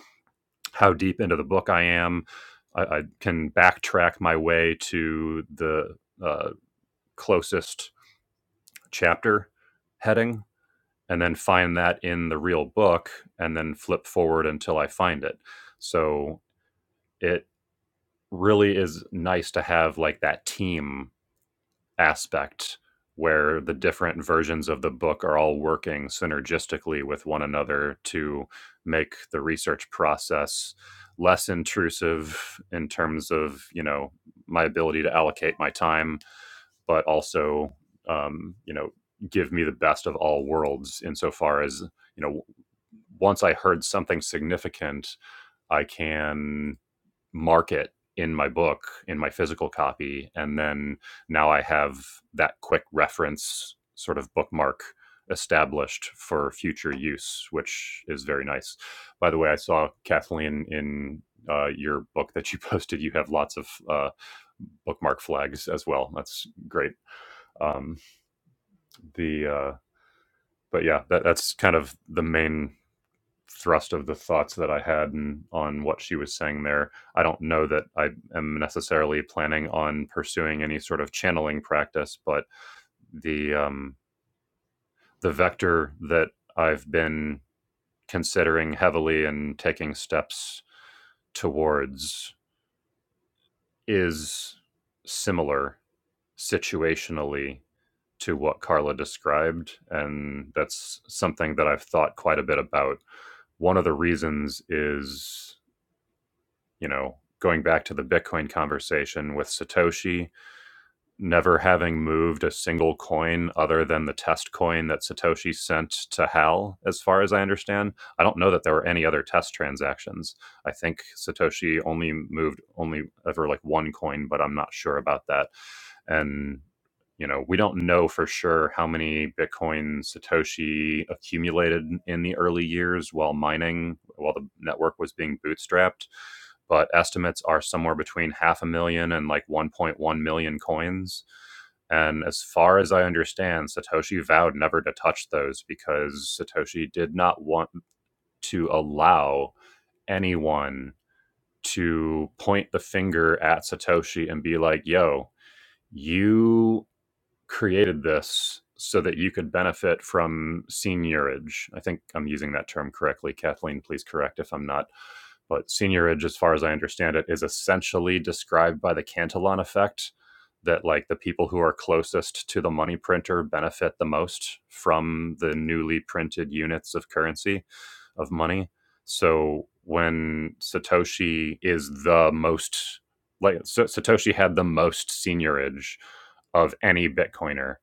Speaker 1: how deep into the book i am i, I can backtrack my way to the uh, closest chapter heading and then find that in the real book and then flip forward until i find it so it really is nice to have like that team aspect where the different versions of the book are all working synergistically with one another to make the research process less intrusive in terms of you know my ability to allocate my time but also um, you know give me the best of all worlds insofar as you know once i heard something significant i can market in my book in my physical copy and then now i have that quick reference sort of bookmark established for future use which is very nice by the way i saw kathleen in uh, your book that you posted you have lots of uh, bookmark flags as well that's great um, the uh, but yeah that, that's kind of the main thrust of the thoughts that I had and on what she was saying there. I don't know that I am necessarily planning on pursuing any sort of channeling practice, but the um, the vector that I've been considering heavily and taking steps towards is similar situationally to what Carla described, and that's something that I've thought quite a bit about. One of the reasons is you know, going back to the Bitcoin conversation with Satoshi, never having moved a single coin other than the test coin that Satoshi sent to Hal, as far as I understand. I don't know that there were any other test transactions. I think Satoshi only moved only ever like one coin, but I'm not sure about that. And you know, we don't know for sure how many Bitcoin Satoshi accumulated in the early years while mining, while the network was being bootstrapped but estimates are somewhere between half a million and like 1.1 million coins. And as far as I understand, Satoshi vowed never to touch those because Satoshi did not want to allow anyone to point the finger at Satoshi and be like, yo, you created this so that you could benefit from seniorage. I think I'm using that term correctly. Kathleen, please correct if I'm not. But seniorage, as far as I understand it, is essentially described by the Cantillon effect that like the people who are closest to the money printer benefit the most from the newly printed units of currency of money. So when Satoshi is the most like Satoshi had the most seniorage of any Bitcoiner,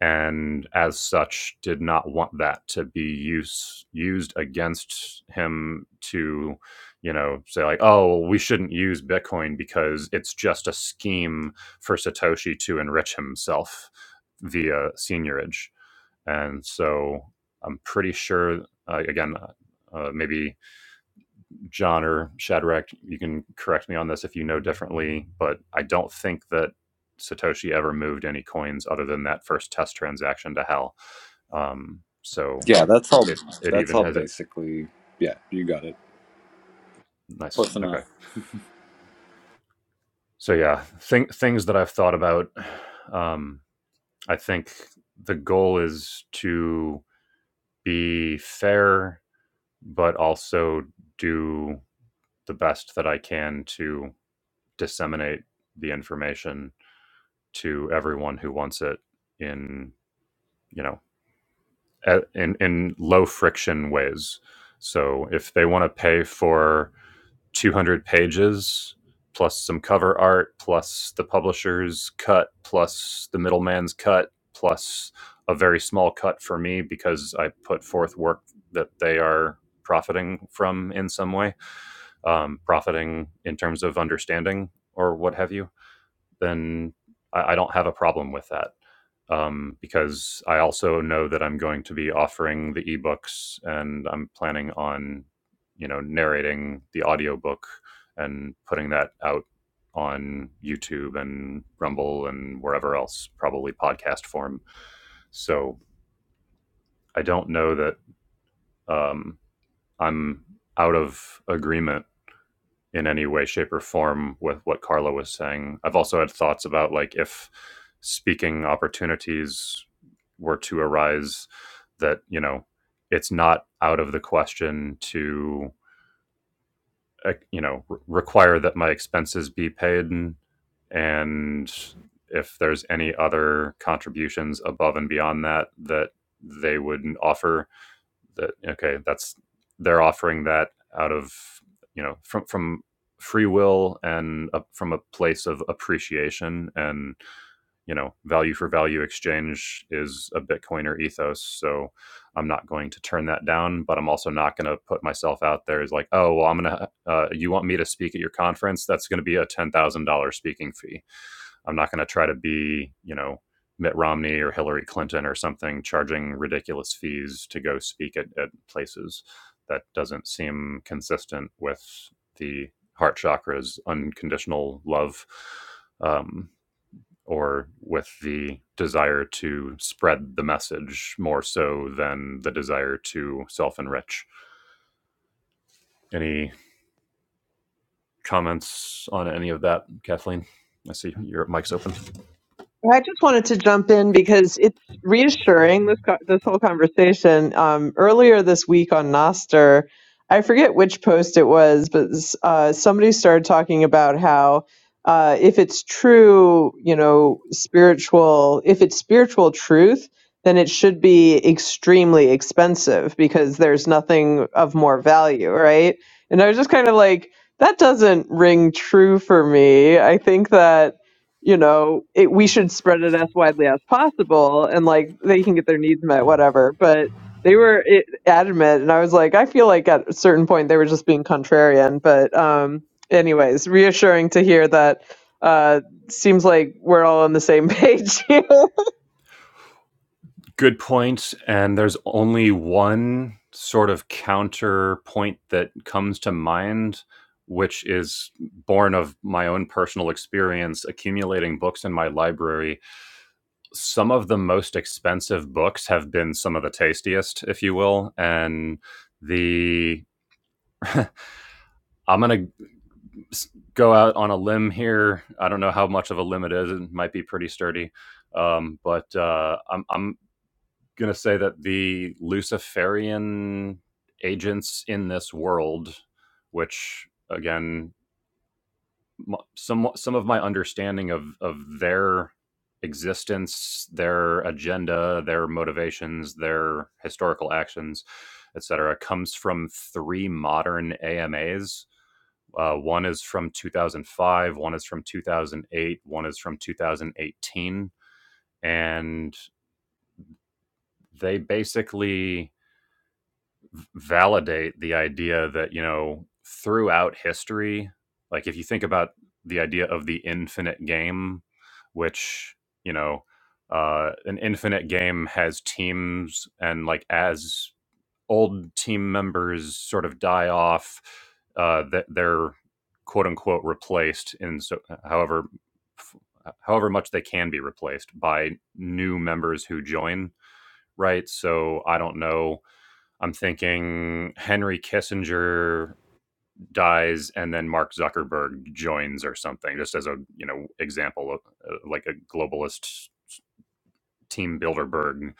Speaker 1: and as such, did not want that to be use, used against him to, you know, say like, oh, well, we shouldn't use Bitcoin because it's just a scheme for Satoshi to enrich himself via seniorage. And so I'm pretty sure, uh, again, uh, maybe John or Shadrach, you can correct me on this if you know differently, but I don't think that Satoshi ever moved any coins other than that first test transaction to hell. Um, so
Speaker 2: Yeah, that's all.
Speaker 1: it it
Speaker 2: That's
Speaker 1: even
Speaker 2: all
Speaker 1: has it
Speaker 2: basically. Yeah, you got it.
Speaker 1: nice
Speaker 2: Close enough.
Speaker 1: okay. So yeah, thing, things that I've thought about. Um, I think the goal is to be fair, but also do the best that I can to disseminate the information to everyone who wants it in you know in in low friction ways. So if they want to pay for 200 pages plus some cover art plus the publisher's cut plus the middleman's cut plus a very small cut for me because I put forth work that they are profiting from in some way, um, profiting in terms of understanding or what have you then I, I don't have a problem with that um, because I also know that I'm going to be offering the ebooks and I'm planning on, you know, narrating the audiobook and putting that out on YouTube and Rumble and wherever else, probably podcast form. So I don't know that um, I'm out of agreement in any way shape or form with what carla was saying i've also had thoughts about like if speaking opportunities were to arise that you know it's not out of the question to uh, you know re- require that my expenses be paid and if there's any other contributions above and beyond that that they would offer that okay that's they're offering that out of you know from from free will and a, from a place of appreciation and you know value for value exchange is a bitcoiner ethos so i'm not going to turn that down but i'm also not going to put myself out there as like oh well i'm going to uh, you want me to speak at your conference that's going to be a $10000 speaking fee I'm not going to try to be, you know, Mitt Romney or Hillary Clinton or something charging ridiculous fees to go speak at, at places. That doesn't seem consistent with the heart chakra's unconditional love um, or with the desire to spread the message more so than the desire to self enrich. Any comments on any of that, Kathleen? I see your mic's open.
Speaker 3: I just wanted to jump in because it's reassuring this co- this whole conversation. Um, earlier this week on Noster, I forget which post it was, but uh, somebody started talking about how uh, if it's true, you know, spiritual, if it's spiritual truth, then it should be extremely expensive because there's nothing of more value, right? And I was just kind of like, that doesn't ring true for me. I think that you know, it, we should spread it as widely as possible and like they can get their needs met, whatever. But they were it, adamant. And I was like, I feel like at a certain point they were just being contrarian. But, um, anyways, reassuring to hear that uh seems like we're all on the same page here
Speaker 1: Good point, and there's only one sort of counterpoint that comes to mind, which is born of my own personal experience accumulating books in my library. Some of the most expensive books have been some of the tastiest, if you will, and the I'm going to go out on a limb here. I don't know how much of a limb it is. It might be pretty sturdy. Um, but uh, I'm, I'm going to say that the Luciferian agents in this world, which again, some some of my understanding of of their existence, their agenda, their motivations, their historical actions, etc., comes from three modern AMAs. Uh, one is from 2005, one is from 2008, one is from 2018, and they basically validate the idea that you know throughout history like if you think about the idea of the infinite game which you know uh, an infinite game has teams and like as old team members sort of die off uh, that they're quote unquote replaced in so however however much they can be replaced by new members who join right so i don't know I'm thinking Henry Kissinger dies and then Mark Zuckerberg joins or something, just as a you know example of uh, like a globalist team Bilderberg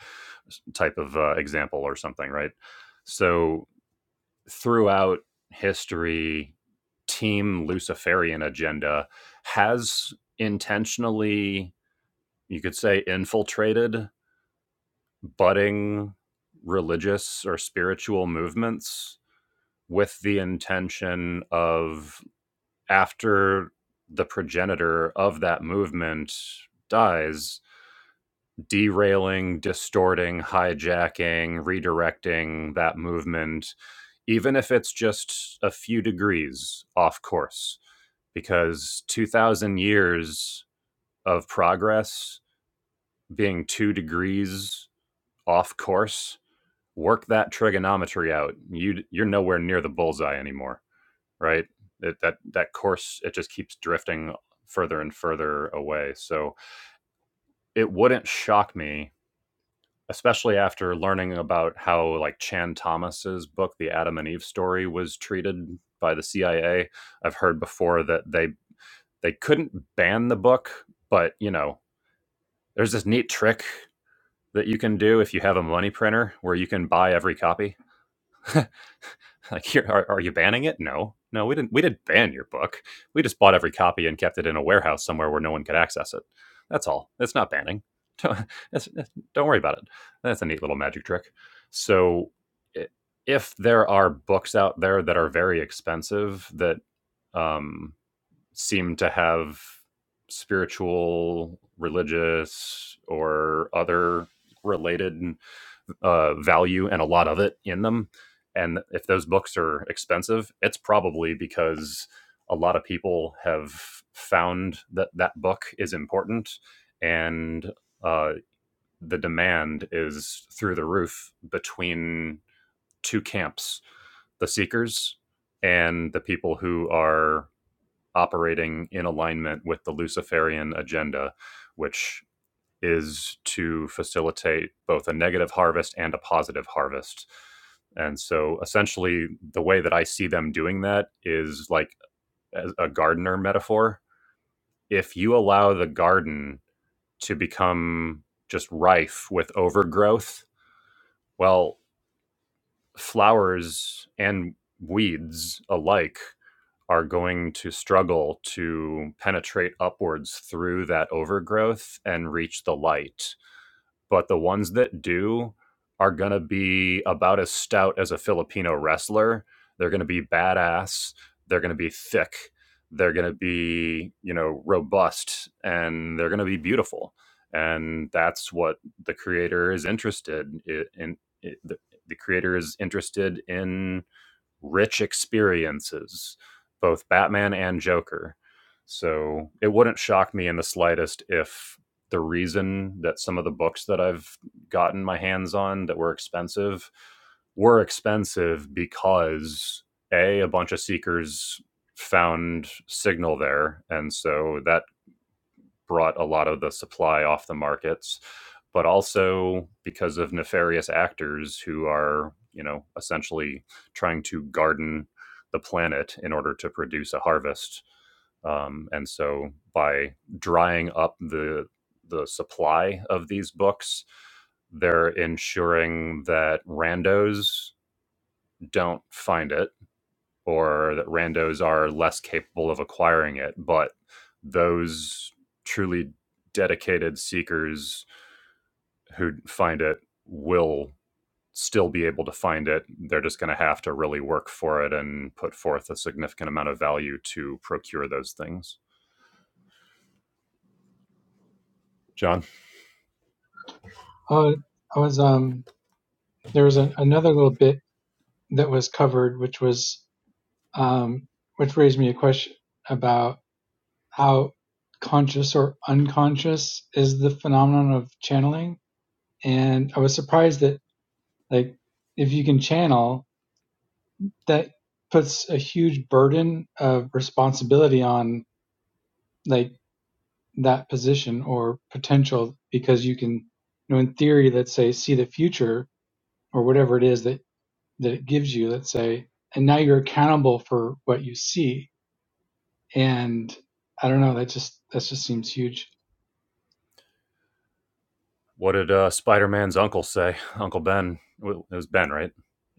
Speaker 1: type of uh, example or something, right? So throughout history, team Luciferian agenda has intentionally, you could say, infiltrated budding religious or spiritual movements with the intention of after the progenitor of that movement dies, derailing, distorting, hijacking, redirecting that movement, even if it's just a few degrees off course. Because 2,000 years of progress being two degrees off course, work that trigonometry out. You, you're nowhere near the bullseye anymore. right? It, that that course it just keeps drifting further and further away. So it wouldn't shock me, especially after learning about how like Chan Thomas's book, The Adam and Eve Story, was treated by the CIA. I've heard before that they they couldn't ban the book, but you know, there's this neat trick that you can do if you have a money printer where you can buy every copy. And Like, here, are, are you banning it? No, no, we didn't. We didn't ban your book. We just bought every copy and kept it in a warehouse somewhere where no one could access it. That's all. It's not banning. Don't, it's- it's- don't worry about it. That's a neat little magic trick. So, if there are books out there that are very expensive that um, seem to have spiritual, religious, or other related uh, value and a lot of it in them. And if those books are expensive, it's probably because a lot of people have found that that book is important and uh, the demand is through the roof between two camps the seekers and the people who are operating in alignment with the Luciferian agenda, which is to facilitate both a negative harvest and a positive harvest. And so essentially, the way that I see them doing that is like a gardener metaphor. If you allow the garden to become just rife with overgrowth, well, flowers and weeds alike are going to struggle to penetrate upwards through that overgrowth and reach the light. but the ones that do are going to be about as stout as a Filipino wrestler. They're going to be badass. They're going to be thick. They're going to be, you know, robust and they're going to be beautiful. And that's what the creator is interested in. in, in the, the creator is interested in rich experiences, both Batman and Joker. So it wouldn't shock me in the slightest if the reason that some of the books that I've gotten my hands on that were expensive were expensive because a a bunch of seekers found signal there and so that brought a lot of the supply off the markets, but also because of nefarious actors who are, you know, essentially trying to garden the planet in order to produce a harvest. Um, and so by drying up the the supply of these books, they're ensuring that randos don't find it or that randos are less capable of acquiring it, but those truly dedicated seekers who find it will still be able to find it. They're just going to have to really work for it and put forth a significant amount of value to procure those things. John,
Speaker 4: Oh, I was um there was an, another little bit that was covered, which was um which raised me a question about how conscious or unconscious is the phenomenon of channeling, and I was surprised that like if you can channel that puts a huge burden of responsibility on like that position or potential because you can you know in theory let's say see the future or whatever it is that that it gives you let's say and now you're accountable for what you see and i don't know that just that just seems huge
Speaker 1: what did uh, Spider Man's uncle say? Uncle Ben, well, it was Ben, right?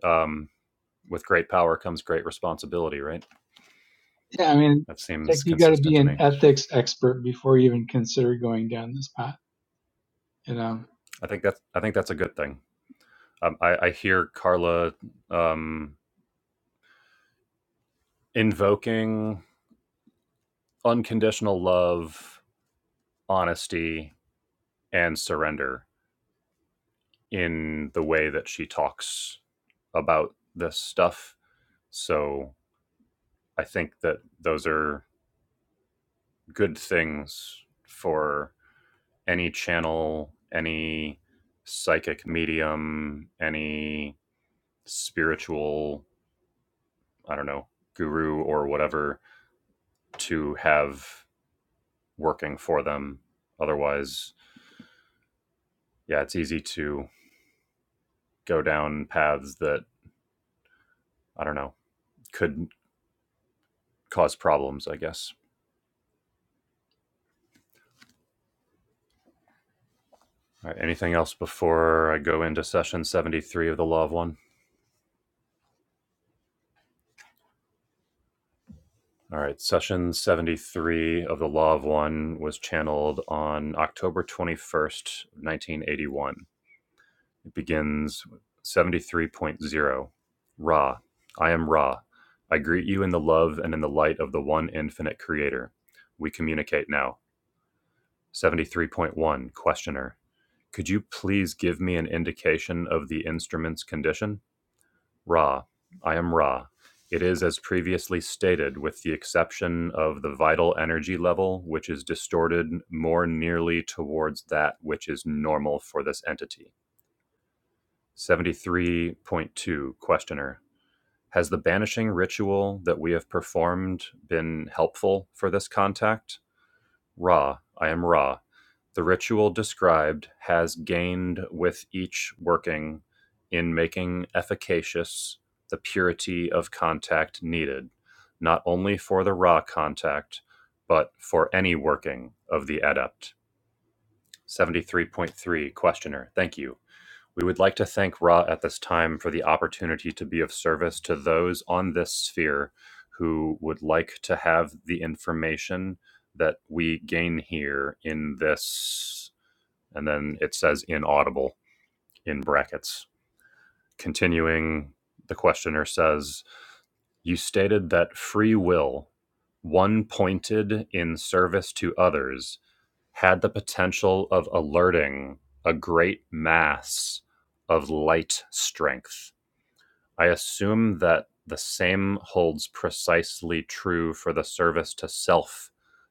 Speaker 1: Um, with great power comes great responsibility, right?
Speaker 4: yeah i mean
Speaker 1: That
Speaker 4: it's like
Speaker 1: seems
Speaker 4: you got to
Speaker 1: consistent
Speaker 4: be
Speaker 1: to
Speaker 4: an
Speaker 1: me.
Speaker 4: ethics expert before you even consider going down this path you know
Speaker 1: I think that's I think that's a good thing. um, I, I hear Carla um, invoking unconditional love, honesty, and surrender in the way that she talks about this stuff. So I think that those are good things for any channel, any psychic medium, any spiritual, I don't know, guru or whatever to have working for them. Otherwise, yeah, it's easy to go down paths that I don't know could cause problems. I guess. All right. Anything else before I go into session seventy-three of the Law of One? All right. Session seventy-three of the Law of One was channeled on October twenty-first, nineteen eighty-one. It begins seventy-three point zero. Ra, I am Ra. I greet you in the love and in the light of the one infinite Creator. We communicate now. Seventy-three point one. Questioner. Could you please give me an indication of the instrument's condition? Ra. I am Ra. It is as previously stated, with the exception of the vital energy level, which is distorted more nearly towards that which is normal for this entity. 73.2 Questioner. Has the banishing ritual that we have performed been helpful for this contact? Ra, I am Ra. The ritual described has gained with each working in making efficacious the purity of contact needed, not only for the Ra contact, but for any working of the adept. 73.3 Questioner, thank you. We would like to thank Ra at this time for the opportunity to be of service to those on this sphere who would like to have the information that we gain here in this, and then it says inaudible in brackets. Continuing, the questioner says, You stated that free will, one pointed in service to others, had the potential of alerting a great mass of light strength I assume that the same holds precisely true for the service to self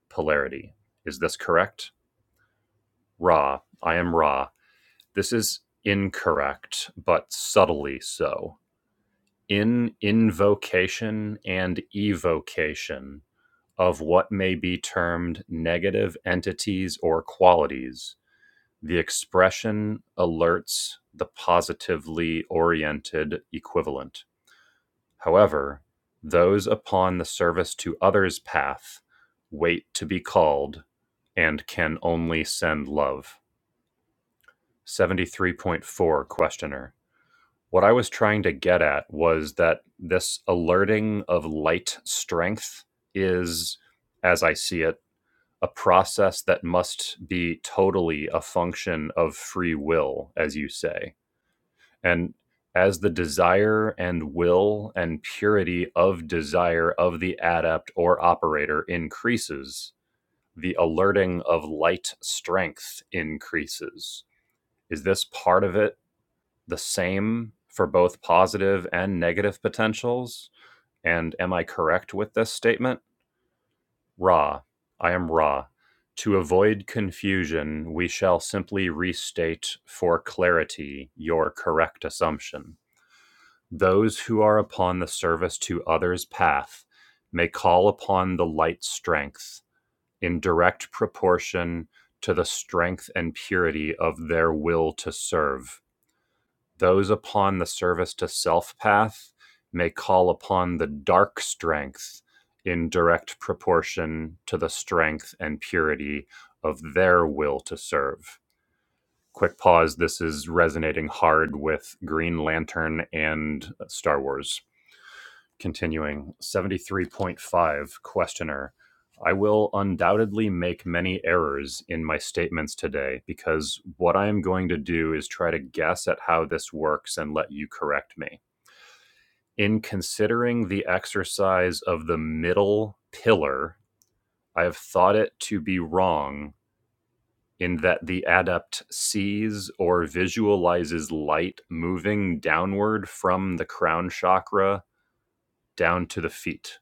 Speaker 1: polarity. Is this correct? Ra, I am Ra. This is incorrect, but subtly so. In invocation and evocation of what may be termed negative entities or qualities, the expression alerts the positively oriented equivalent. However, those upon the service to others path wait to be called and can only send love. 73.4 Questioner. What I was trying to get at was that this alerting of light strength is, as I see it, a process that must be totally a function of free will, as you say and as the desire and will and purity of desire of the adept or operator increases, the alerting of light strength increases. Is this part of it the same for both positive and negative potentials? And am I correct with this statement? Ra, I am Ra. To avoid confusion, we shall simply restate for clarity your correct assumption. Those who are upon the service to others' path may call upon the light strength in direct proportion to the strength and purity of their will to serve. Those upon the service to self path may call upon the dark strength in direct proportion to the strength and purity of their will to serve. Quick pause. This is resonating hard with Green Lantern and Star Wars. Continuing, 73.5 Questioner. I will undoubtedly make many errors in my statements today because what I am going to do is try to guess at how this works and let you correct me. In considering the exercise of the middle pillar, I have thought it to be wrong in that the adept sees or visualizes light moving downward from the crown chakra down to the feet.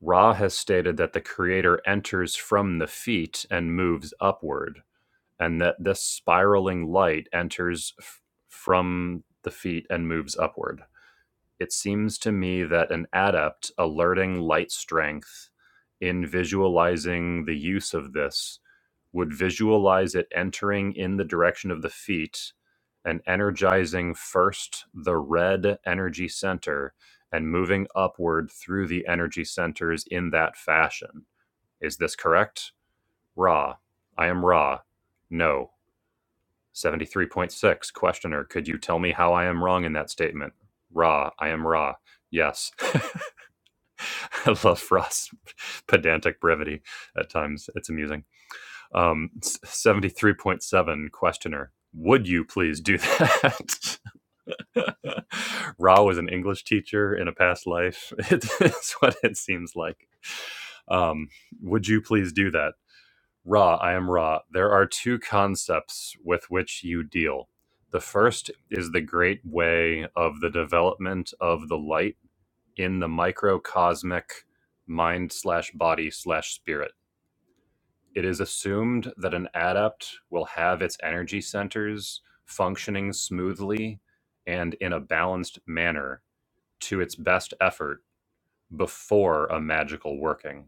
Speaker 1: Ra has stated that the creator enters from the feet and moves upward, and that this spiraling light enters f- from the feet and moves upward it seems to me that an adept alerting light strength in visualizing the use of this would visualize it entering in the direction of the feet and energizing first the red energy center and moving upward through the energy centers in that fashion. Is this correct? Ra. I am Ra. No. 73.6 Questioner, could you tell me how I am wrong in that statement? Raw, I am raw. Yes. I love Frost's pedantic brevity at times. It's amusing. Um, 73.7 Questioner, would you please do that? Ra was an English teacher in a past life. It's what it seems like. Um, would you please do that? Ra, I am Ra. There are two concepts with which you deal. The first is the great way of the development of the light in the microcosmic mind slash body slash spirit. It is assumed that an adept will have its energy centers functioning smoothly and in a balanced manner to its best effort before a magical working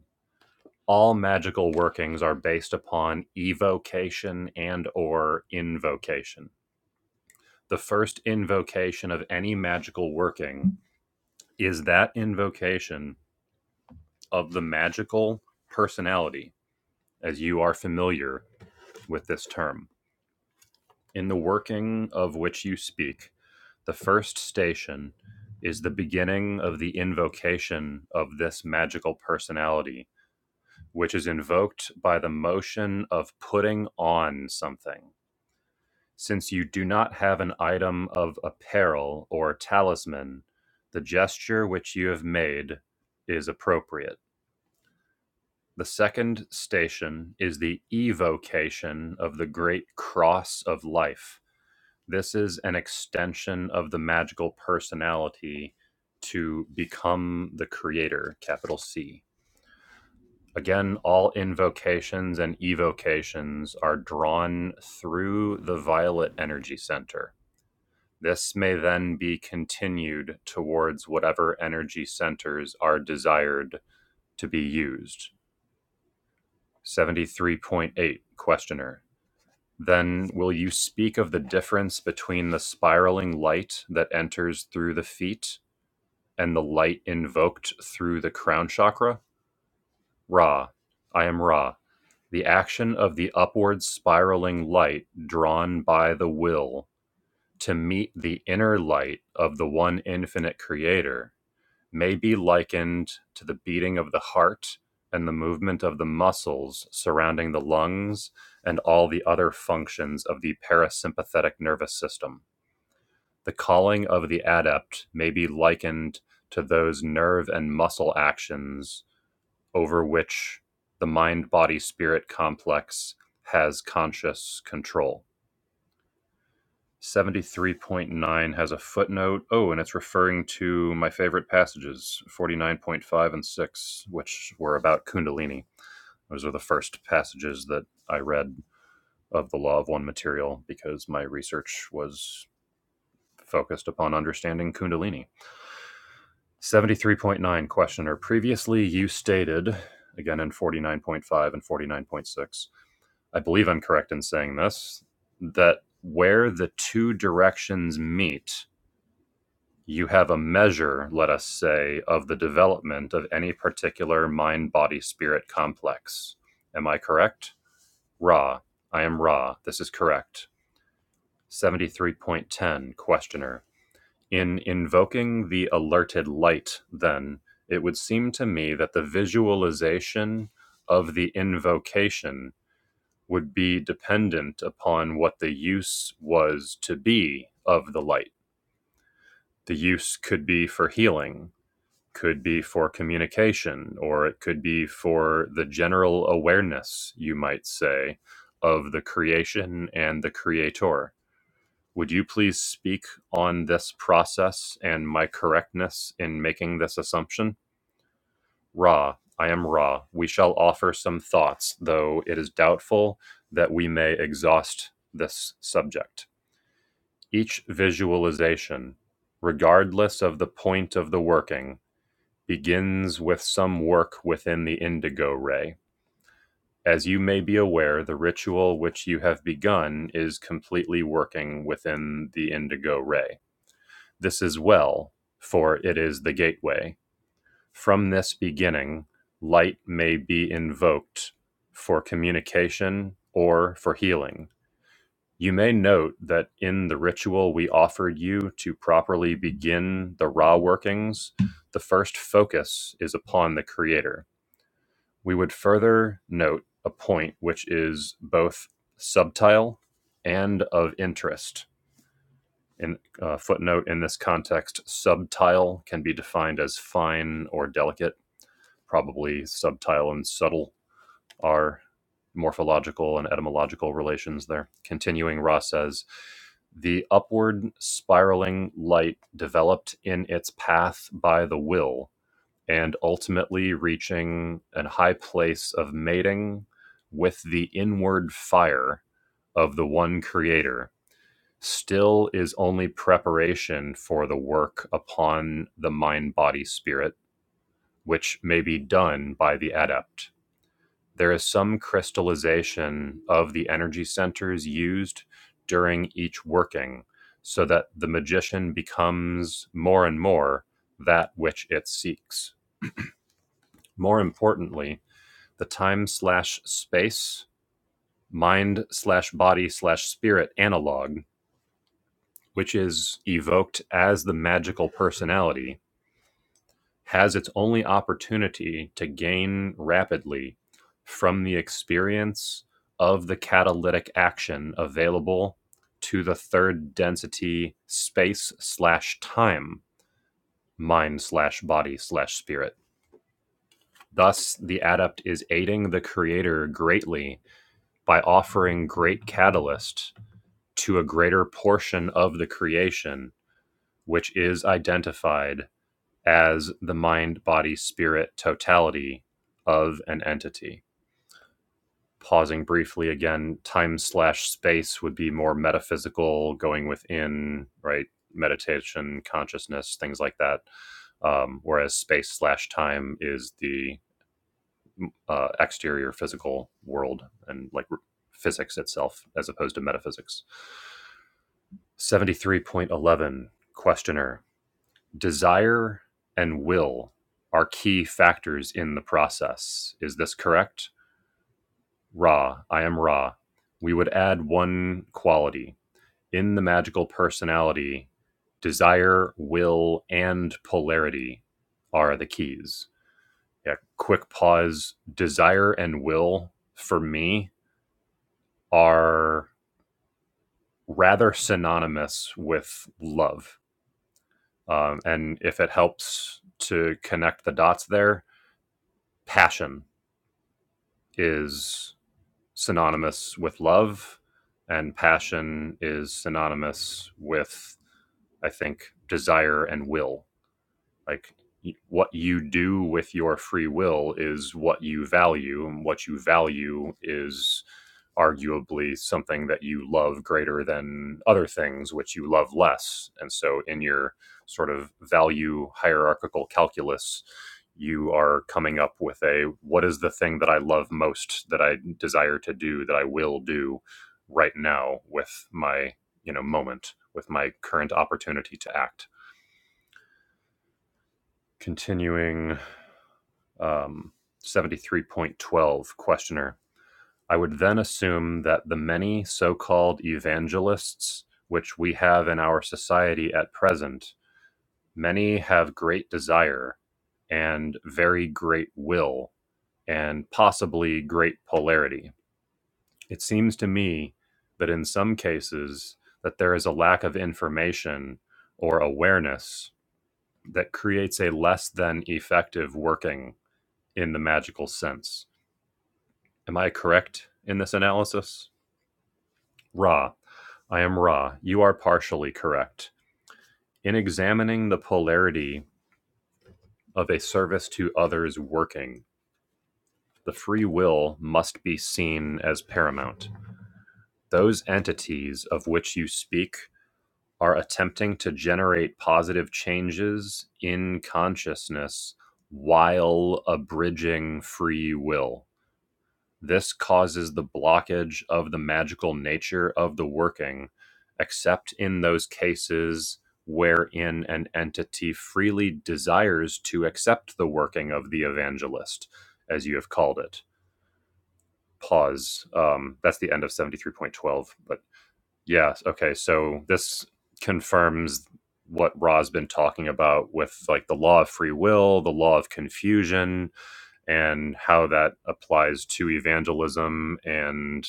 Speaker 1: all magical workings are based upon evocation and or invocation the first invocation of any magical working is that invocation of the magical personality as you are familiar with this term in the working of which you speak the first station is the beginning of the invocation of this magical personality which is invoked by the motion of putting on something Since you do not have an item of apparel or talisman, the gesture which you have made is appropriate. The second station is the evocation of the great cross of life. This is an extension of the magical personality to become the creator, capital C. Again, all invocations and evocations are drawn through the violet energy center This may then be continued towards whatever energy centers are desired to be used. 73.8 Questioner. Then will you speak of the difference between the spiraling light that enters through the feet and the light invoked through the crown chakra? Ra. I am Ra. The action of the upward spiraling light drawn by the will to meet the inner light of the one infinite creator may be likened to the beating of the heart and the movement of the muscles surrounding the lungs and all the other functions of the parasympathetic nervous system. The calling of the adept may be likened to those nerve and muscle actions over which the mind body spirit complex has conscious control. 73.9 has a footnote. Oh, and it's referring to my favorite passages, 49.5 and 6, which were about Kundalini. Those are the first passages that I read of the Law of One material because my research was focused upon understanding Kundalini. 73.9 questioner. Previously, you stated, again in 49.5 and 49.6, I believe I'm correct in saying this, that where the two directions meet you have a measure, let us say, of the development of any particular mind body spirit complex. Am I correct? Ra. I am Ra. This is correct. 73.10 Questioner. In invoking the alerted light, then, it would seem to me that the visualization of the invocation would be dependent upon what the use was to be of the light. The use could be for healing, could be for communication or it could be for the general awareness, you might say, of the creation and the creator. Would you please speak on this process and my correctness in making this assumption? Ra, I am Ra. We shall offer some thoughts, though it is doubtful that we may exhaust this subject. Each visualization, regardless of the point of the working, begins with some work within the indigo ray. As you may be aware, the ritual which you have begun is completely working within the indigo ray. This is well, for it is the gateway. From this beginning, light may be invoked for communication or for healing. You may note that in the ritual we offered you to properly begin the raw workings, the first focus is upon the Creator We would further note a point which is both subtile and of interest. In uh, footnote, in this context, subtile can be defined as fine or delicate. Probably subtile and subtle are morphological and etymological relations there. Continuing, Ross says, the upward spiraling light developed in its path by the will and ultimately reaching an high place of mating with the inward fire of the one creator still is only preparation for the work upon the mind body spirit which may be done by the adept there is some crystallization of the energy centers used during each working so that the magician becomes more and more that which it seeks more importantly the time slash space mind slash body slash spirit analog, which is evoked as the magical personality, has its only opportunity to gain rapidly from the experience of the catalytic action available to the third density space slash time mind slash body slash spirit. Thus, the adept is aiding the creator greatly by offering great catalyst to a greater portion of the creation, which is identified as the mind body spirit totality of an entity. Pausing briefly again, time slash space would be more metaphysical, going within, right? Meditation, consciousness, things like that. Um, whereas space slash time is the uh, exterior physical world and like r- physics itself as opposed to metaphysics. 73.11 Questioner desire and will are key factors in the process. Is this correct? Ra, I am Ra. We would add one quality in the magical personality desire, will, and polarity are the keys. Yeah, quick pause. Desire and will for me are rather synonymous with love. Um, and if it helps to connect the dots there, passion is synonymous with love, and passion is synonymous with, I think, desire and will. Like what you do with your free will is what you value, and what you value is arguably something that you love greater than other things which you love less. And so in your sort of value hierarchical calculus, you are coming up with a what is the thing that I love most that I desire to do that I will do right now with my you know moment with my current opportunity to act continuing um, 73.12 questioner i would then assume that the many so-called evangelists which we have in our society at present many have great desire and very great will and possibly great polarity it seems to me that in some cases that there is a lack of information or awareness that creates a less than effective working in the magical sense Am I correct in this analysis? Ra, I am Ra. You are partially correct. In examining the polarity of a service to others working, the free will must be seen as paramount. Those entities of which you speak are attempting to generate positive changes in consciousness while abridging free will. This causes the blockage of the magical nature of the working, except in those cases wherein an entity freely desires to accept the working of the evangelist, as you have called it. Pause. Um, that's the end of 73.12. But yeah, okay, so this confirms what Ra's been talking about with like the law of free will, the law of confusion, and how that applies to evangelism and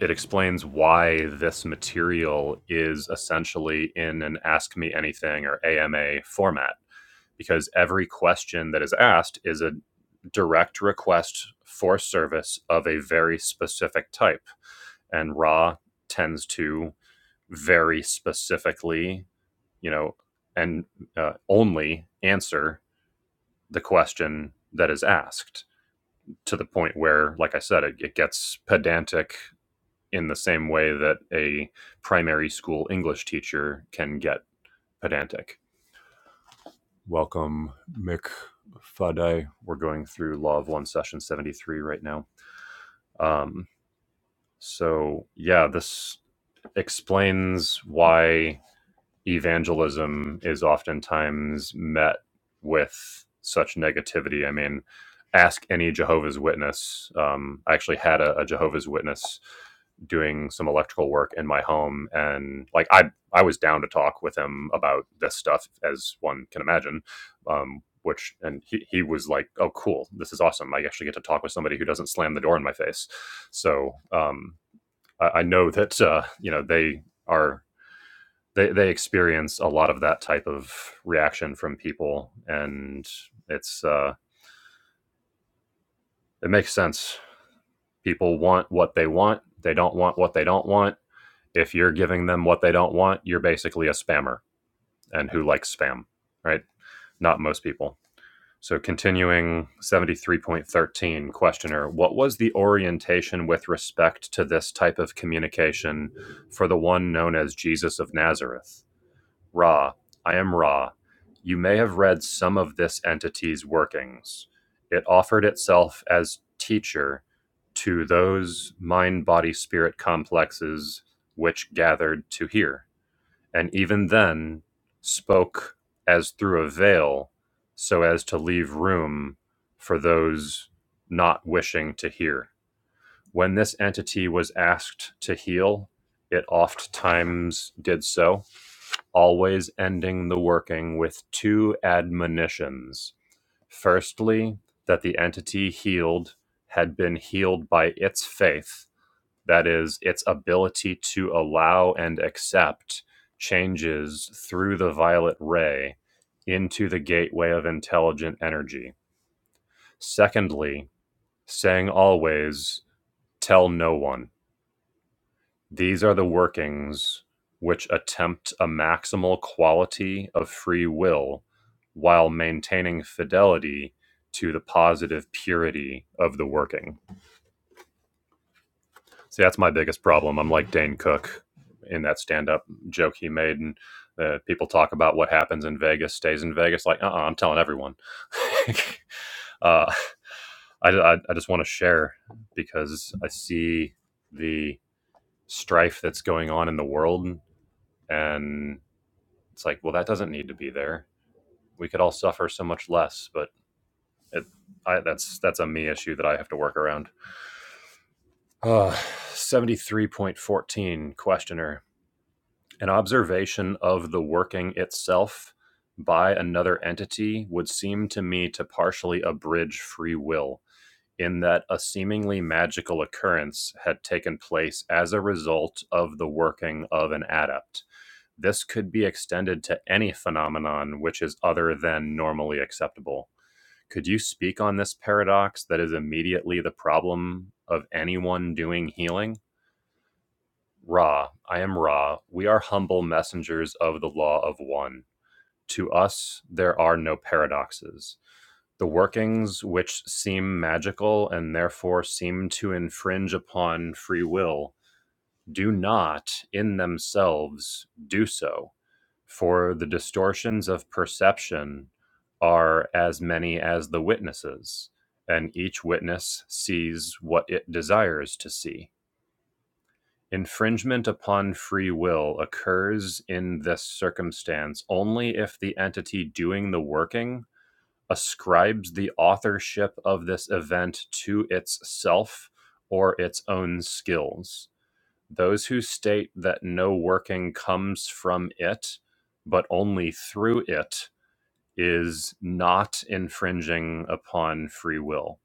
Speaker 1: it explains why this material is essentially in an ask me anything or AMA format because every question that is asked is a direct request for service of a very specific type and Ra tends to very specifically you know and uh, only answer the question that is asked to the point where like i said it, it gets pedantic in the same way that a primary school English teacher can get pedantic. Welcome, Mick Faday. We're going through Law of One, Session 73 right now. Um, so, yeah, this explains why evangelism is oftentimes met with such negativity. I mean, ask any Jehovah's Witness. Um, I actually had a, a Jehovah's Witness doing some electrical work in my home, and like I, I was down to talk with him about this stuff, as one can imagine. Um, which and he, he was like, "Oh, cool! This is awesome! I actually get to talk with somebody who doesn't slam the door in my face." So um, I, I know that uh, you know they are they they experience a lot of that type of reaction from people, and it's uh, it makes sense. People want what they want. They don't want what they don't want. If you're giving them what they don't want, you're basically a spammer. And who likes spam, right? Not most people. So, continuing 73.13, questioner, what was the orientation with respect to this type of communication for the one known as Jesus of Nazareth? Ra, I am Ra. You may have read some of this entity's workings. It offered itself as teacher to those mind body spirit complexes which gathered to hear, and even then spoke as through a veil so as to leave room for those not wishing to hear. When this entity was asked to heal, it oft times did so always ending the working with two admonitions. Firstly, that the entity healed had been healed by its faith, that is, its ability to allow and accept changes through the violet ray into the gateway of intelligent energy. Secondly, saying always, tell no one These are the workings which attempt a maximal quality of free will while maintaining fidelity to the positive purity of the working. See, that's my biggest problem. I'm like Dane Cook in that stand up joke he made. And uh, people talk about what happens in Vegas stays in Vegas. Like, uh uh-uh, uh, i am telling everyone. uh, I, I, I just want to share because I see the strife that's going on in the world. And It's like, well, that doesn't need to be there. We could all suffer so much less, but it, I, that's that's a me issue that I have to work around. Uh, 73.14 questioner an observation of the working itself by another entity would seem to me to partially abridge free will in that a seemingly magical occurrence had taken place as a result of the working of an adept this could be extended to any phenomenon which is other than normally acceptable. Could you speak on this paradox that is immediately the problem of anyone doing healing? Ra, I am Ra. We are humble messengers of the law of one. To us, there are no paradoxes. The workings which seem magical and therefore seem to infringe upon free will do not in themselves do so, for the distortions of perception are as many as the witnesses, and each witness sees what it desires to see. Infringement upon free will occurs in this circumstance only if the entity doing the working ascribes the authorship of this event to its self or its own skills those who state that no working comes from it, but only through it, is not infringing upon free will.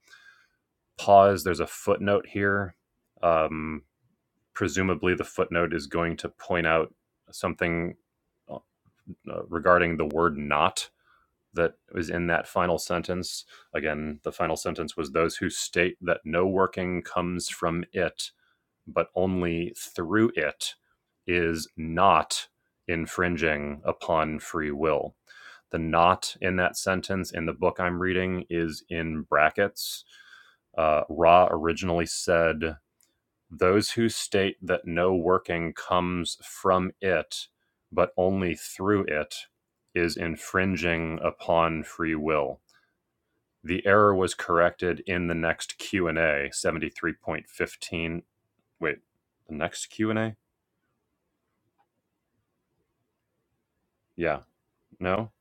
Speaker 1: Pause. There's a footnote here. Um, presumably, the footnote is going to point out something uh, uh, regarding the word not that was in that final sentence. Again, the final sentence was those who state that no working comes from it but only through it is not infringing upon free will. The not in that sentence in the book I'm reading is in brackets. Uh, Ra originally said, Those who state that no working comes from it, but only through it, is infringing upon free will. The error was corrected in the next Q&A, 73.15 wait, the next Q and A? Yeah, no,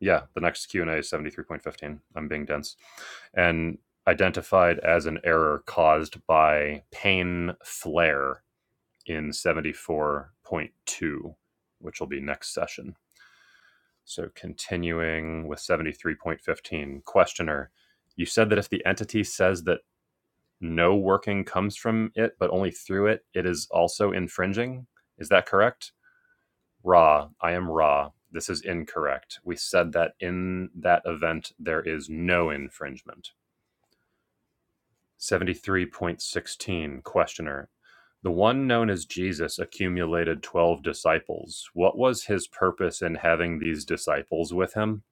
Speaker 1: yeah, the next Q and A is seventy three point fifteen. I'm being dense, and identified as an error caused by pain flare in seventy four point two, which will be next session. So continuing with seventy three point fifteen, questioner, you said that if the entity says that no working comes from it but only through it, it is also infringing. Is that correct? Ra, I am Ra. This is incorrect. We said that in that event there is no infringement. 73.16 Questioner. The one known as Jesus accumulated 12 disciples. What was his purpose in having these disciples with him?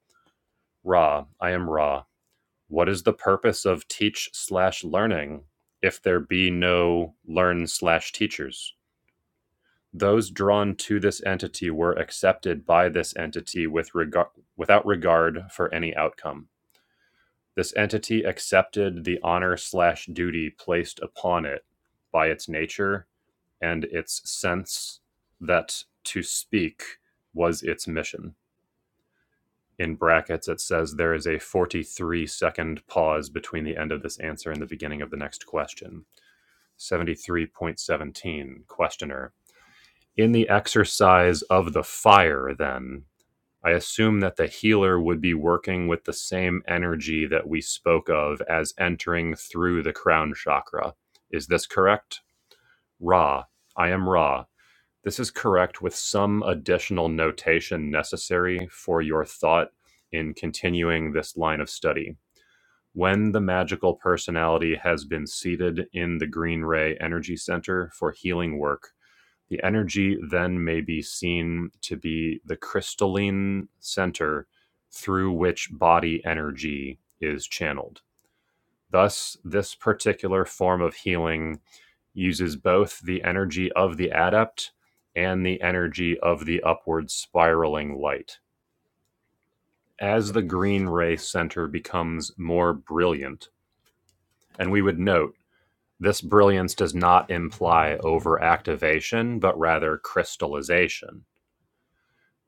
Speaker 1: Ra, I am Ra. What is the purpose of teach slash learning if there be no learn slash teachers? Those drawn to this entity were accepted by this entity with regard without regard for any outcome. This entity accepted the honor slash duty placed upon it by its nature and its sense that to speak was its mission. In brackets, it says there is a 43 second pause between the end of this answer and the beginning of the next question. 73.17 Questioner In the exercise of the fire, then, I assume that the healer would be working with the same energy that we spoke of as entering through the crown chakra. Is this correct? Ra. I am Ra. This is correct with some additional notation necessary for your thought in continuing this line of study. When the magical personality has been seated in the Green Ray Energy Center for healing work, the energy then may be seen to be the crystalline center through which body energy is channeled. Thus, this particular form of healing uses both the energy of the adept and the energy of the upward spiraling light. As the green ray center becomes more brilliant, and we would note this brilliance does not imply overactivation, but rather crystallization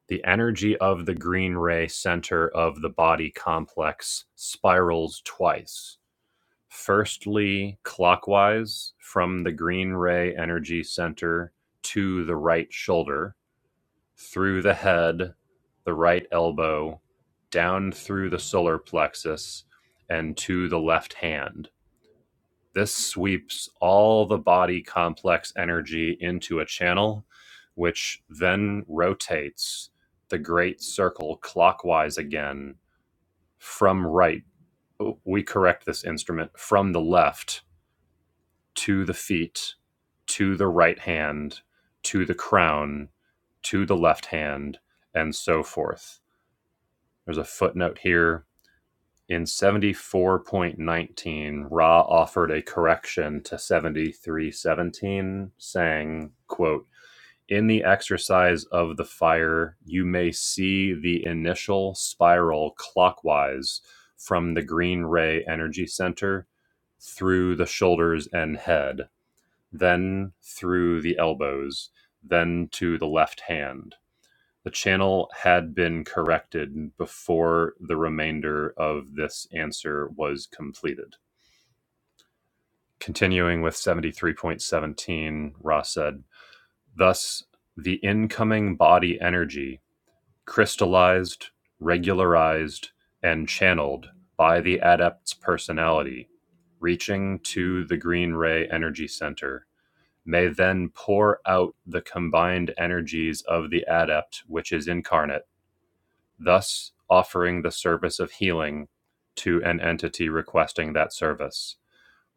Speaker 1: The energy of the green ray center of the body complex spirals twice. Firstly, clockwise from the green ray energy center to the right shoulder, through the head, the right elbow, down through the solar plexus, and to the left hand this sweeps all the body complex energy into a channel, which then rotates the great circle clockwise again from right. Oh, We correct this instrument from the left to the feet, to the right hand, to the crown, to the left hand, and so forth. There's a footnote here In 74.19, Ra offered a correction to 73.17, saying, quote, In the exercise of the fire, you may see the initial spiral clockwise from the Green Ray Energy Center through the shoulders and head, then through the elbows, then to the left hand. The channel had been corrected before the remainder of this answer was completed. Continuing with 73.17, Ross said, Thus, the incoming body energy crystallized, regularized, and channeled by the adept's personality, reaching to the green ray energy center, may then pour out the combined energies of the adept, which is incarnate thus offering the service of healing to an entity requesting that service.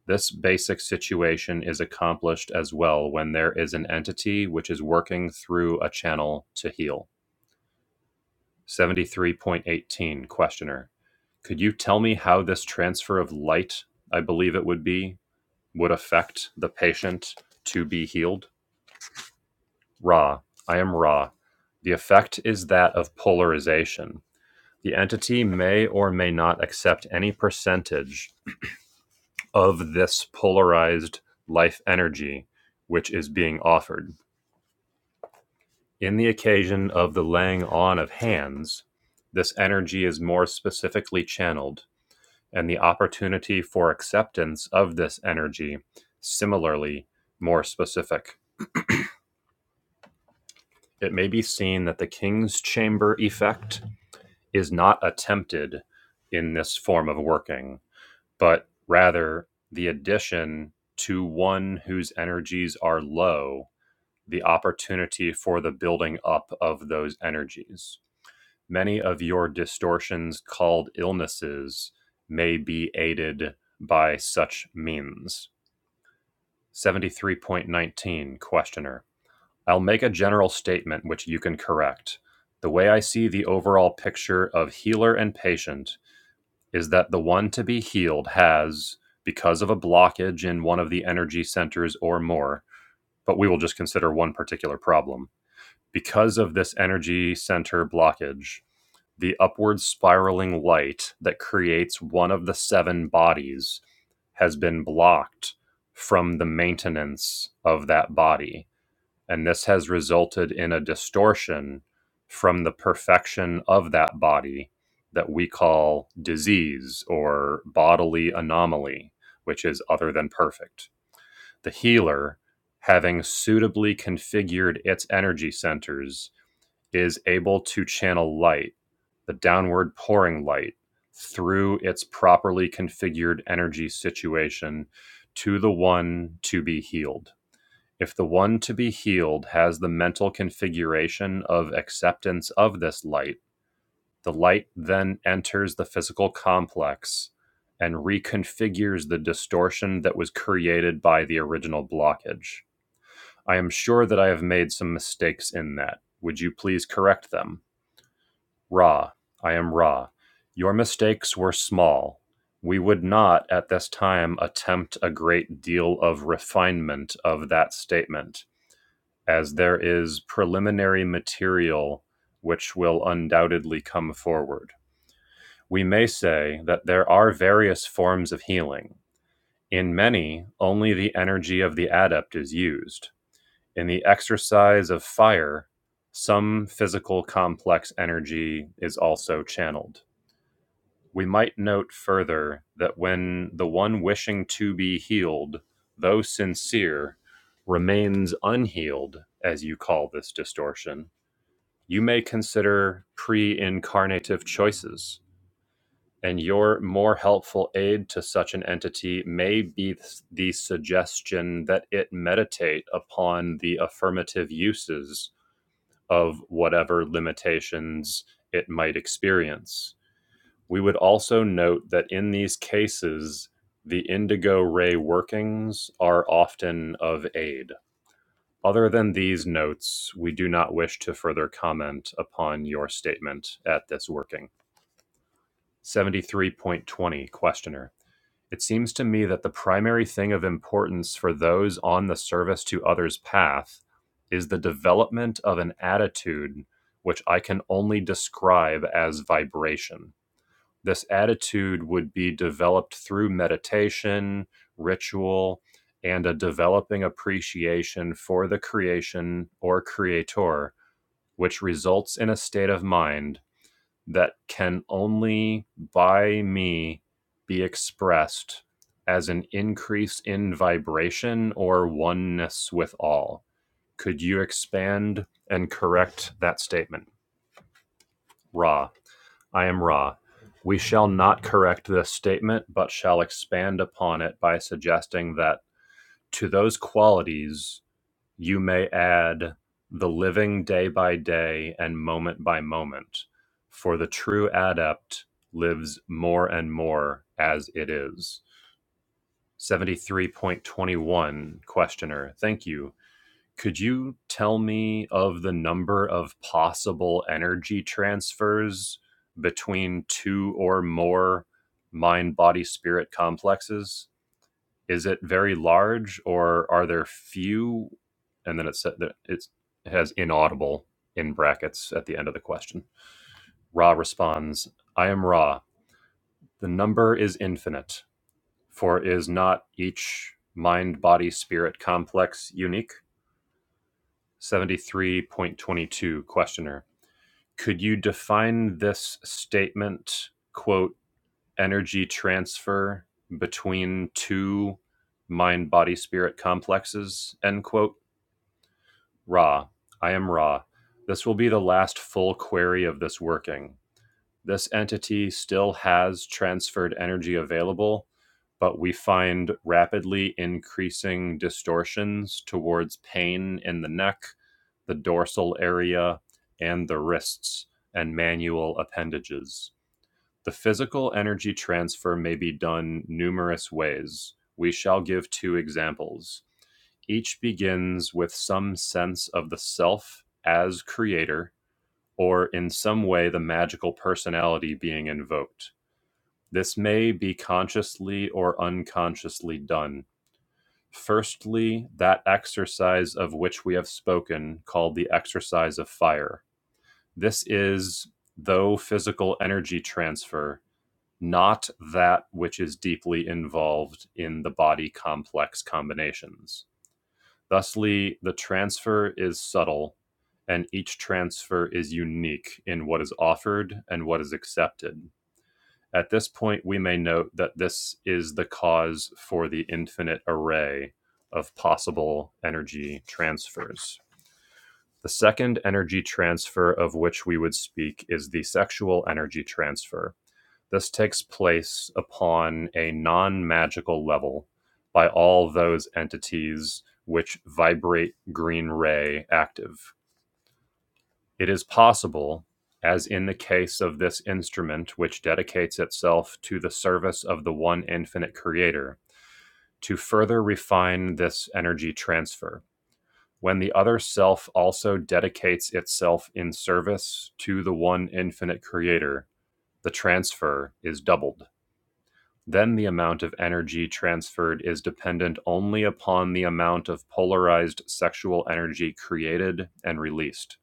Speaker 1: This basic situation is accomplished as well when there is an entity which is working through a channel to heal. 73.18 Questioner Could you tell me how this transfer of light, I believe it would be, would affect the patient to be healed? Ra. I am Ra. The effect is that of polarization. The entity may or may not accept any percentage of this polarized life energy which is being offered. In the occasion of the laying on of hands, this energy is more specifically channeled, and the opportunity for acceptance of this energy similarly more specific. It may be seen that the king's chamber effect is not attempted in this form of working, but rather the addition to one whose energies are low, the opportunity for the building up of those energies. Many of your distortions called illnesses may be aided by such means. 73.19 Questioner I'll make a general statement which you can correct. The way I see the overall picture of healer and patient is that the one to be healed has, because of a blockage in one of the energy centers or more, but we will just consider one particular problem. Because of this energy center blockage, the upward spiraling light that creates one of the seven bodies has been blocked from the maintenance of that body and this has resulted in a distortion from the perfection of that body that we call disease or bodily anomaly, which is other than perfect. The healer, having suitably configured its energy centers, is able to channel light, the downward pouring light, through its properly configured energy situation to the one to be healed. If the one to be healed has the mental configuration of acceptance of this light, the light then enters the physical complex and reconfigures the distortion that was created by the original blockage. I am sure that I have made some mistakes in that. Would you please correct them? Ra, I am Ra. Your mistakes were small. We would not at this time attempt a great deal of refinement of that statement as there is preliminary material which will undoubtedly come forward. We may say that there are various forms of healing. In many, only the energy of the adept is used. In the exercise of fire, some physical complex energy is also channeled. We might note further that when the one wishing to be healed, though sincere, remains unhealed, as you call this distortion, You may consider pre incarnative choices, and your more helpful aid to such an entity may be the suggestion that it meditate upon the affirmative uses of whatever limitations it might experience. We would also note that in these cases, the indigo ray workings are often of aid. Other than these notes, we do not wish to further comment upon your statement at this working. 73.20 Questioner. It seems to me that the primary thing of importance for those on the service to others path is the development of an attitude which I can only describe as vibration this attitude would be developed through meditation, ritual, and a developing appreciation for the creation or creator, which results in a state of mind that can only by me be expressed as an increase in vibration or oneness with all. Could you expand and correct that statement? Ra. I am Ra. We shall not correct this statement, but shall expand upon it by suggesting that to those qualities you may add the living day by day and moment by moment, for the true adept lives more and more as it is. 73.21 Questioner. Thank you. Could you tell me of the number of possible energy transfers between two or more mind body spirit complexes? Is it very large or are there few? And then it said that it's, it has inaudible in brackets at the end of the question. Ra responds, I am Ra. The number is infinite, for is not each mind body spirit complex unique? 73.22 questioner could you define this statement quote energy transfer between two mind body spirit complexes end quote ra i am ra this will be the last full query of this working this entity still has transferred energy available, but we find rapidly increasing distortions towards pain in the neck, the dorsal area, and the wrists and manual appendages. The physical energy transfer may be done numerous ways. We shall give two examples. Each begins with some sense of the self as creator or in some way the magical personality being invoked. This may be consciously or unconsciously done. Firstly, that exercise of which we have spoken, called the exercise of fire. This is, though physical energy transfer, not that which is deeply involved in the body complex combinations. Thusly, the transfer is subtle, and each transfer is unique in what is offered and what is accepted. At this point, we may note that this is the cause for the infinite array of possible energy transfers. The second energy transfer of which we would speak is the sexual energy transfer. This takes place upon a non-magical level by all those entities which vibrate green ray active. It is possible, as in the case of this instrument which dedicates itself to the service of the one infinite creator, to further refine this energy transfer. When the other self also dedicates itself in service to the one infinite creator, the transfer is doubled. Then the amount of energy transferred is dependent only upon the amount of polarized sexual energy created and released.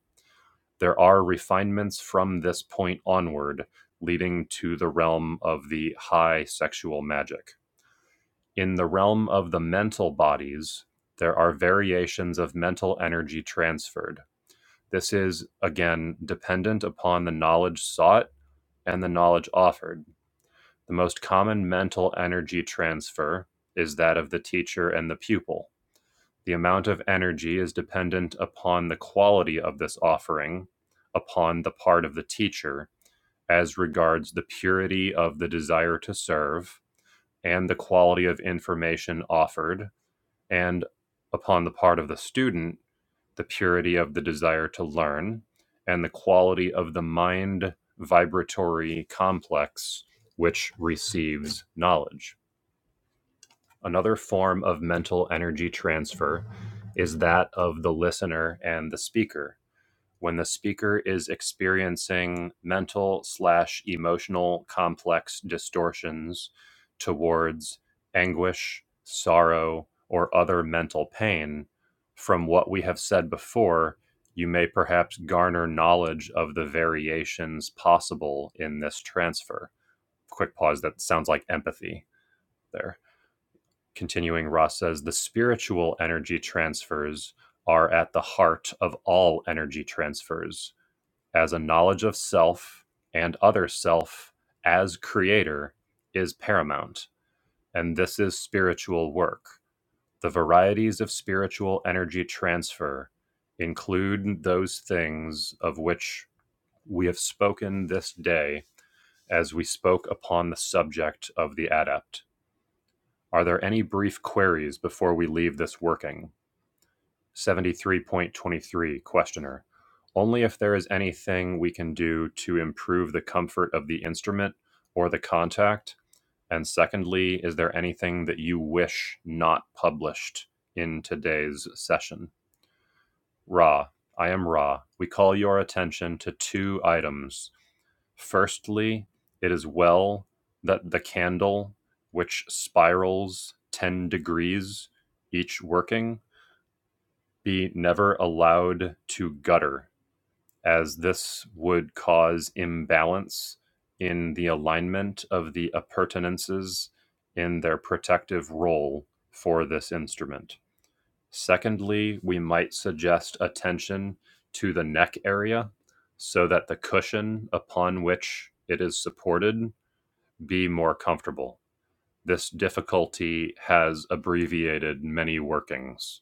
Speaker 1: There are refinements from this point onward, leading to the realm of the high sexual magic. In the realm of the mental bodies, there are variations of mental energy transferred. This is, again, dependent upon the knowledge sought and the knowledge offered. The most common mental energy transfer is that of the teacher and the pupil. The amount of energy is dependent upon the quality of this offering upon the part of the teacher as regards the purity of the desire to serve and the quality of information offered, and upon the part of the student, the purity of the desire to learn and the quality of the mind vibratory complex which receives knowledge. Another form of mental energy transfer is that of the listener and the speaker. When the speaker is experiencing mental slash emotional complex distortions towards anguish, sorrow, or other mental pain, from what we have said before, you may perhaps garner knowledge of the variations possible in this transfer. Quick pause, that sounds like empathy there continuing, Ross says the spiritual energy transfers are at the heart of all energy transfers, as a knowledge of self and other self as creator is paramount. And this is spiritual work. The varieties of spiritual energy transfer include those things of which we have spoken this day as we spoke upon the subject of the adept. Are there any brief queries before we leave this working? 73.23 Questioner. Only if there is anything we can do to improve the comfort of the instrument or the contact. And secondly, is there anything that you wish not published in today's session? Ra, I am Ra. We call your attention to two items. Firstly, it is well that the candle, which spirals 10 degrees each working, be never allowed to gutter, as this would cause imbalance in the alignment of the appurtenances in their protective role for this instrument. Secondly, we might suggest attention to the neck area so that the cushion upon which it is supported be more comfortable. This difficulty has abbreviated many workings.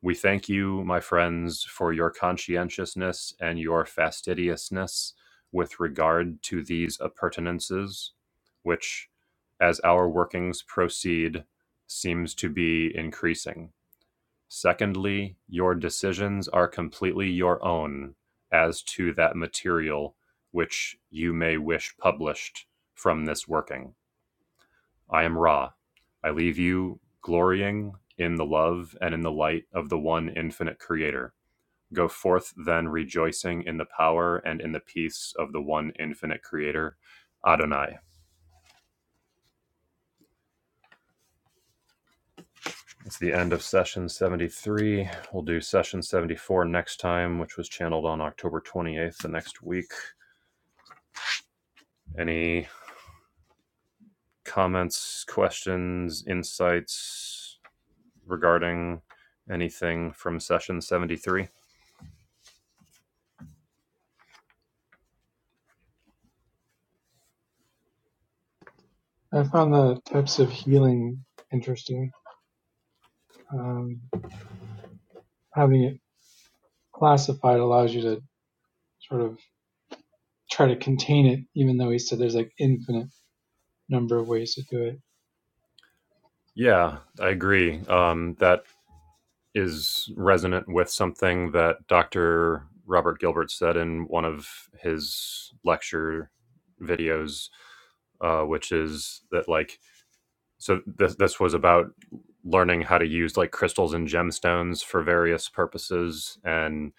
Speaker 1: We thank you, my friends, for your conscientiousness and your fastidiousness with regard to these appurtenances, which, as our workings proceed, seems to be increasing. Secondly, your decisions are completely your own as to that material which you may wish published from this working I am Ra. I leave you glorying in the love and in the light of the one infinite creator. Go forth then rejoicing in the power and in the peace of the one infinite creator, Adonai. It's the end of session 73. We'll do session 74 next time, which was channeled on October 28th, the next week. Any comments, questions, insights regarding anything from session 73?
Speaker 4: i found the types of healing interesting um, having it classified allows you to sort of try to contain it, even though he said there's like infinite number of ways to do it.
Speaker 1: Yeah, I agree. Um, that is resonant with something that Dr. Robert Gilbert said in one of his lecture videos, uh, which is that like so this this was about learning how to use like crystals and gemstones for various purposes and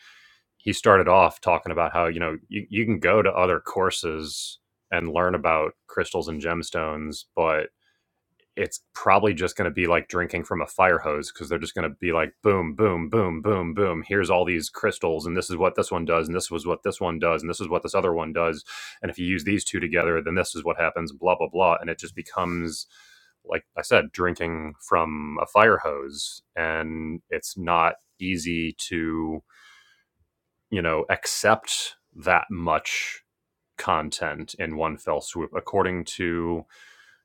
Speaker 1: he started off talking about how you know you, you can go to other courses and learn about crystals and gemstones but it's probably just going to be like drinking from a fire hose because they're just going to be like boom boom boom boom boom here's all these crystals and this is what this one does and this was what this one does and this is what this other one does and if you use these two together then this is what happens blah blah blah and it just becomes like i said drinking from a fire hose and it's not easy to you know accept that much content in one fell swoop according to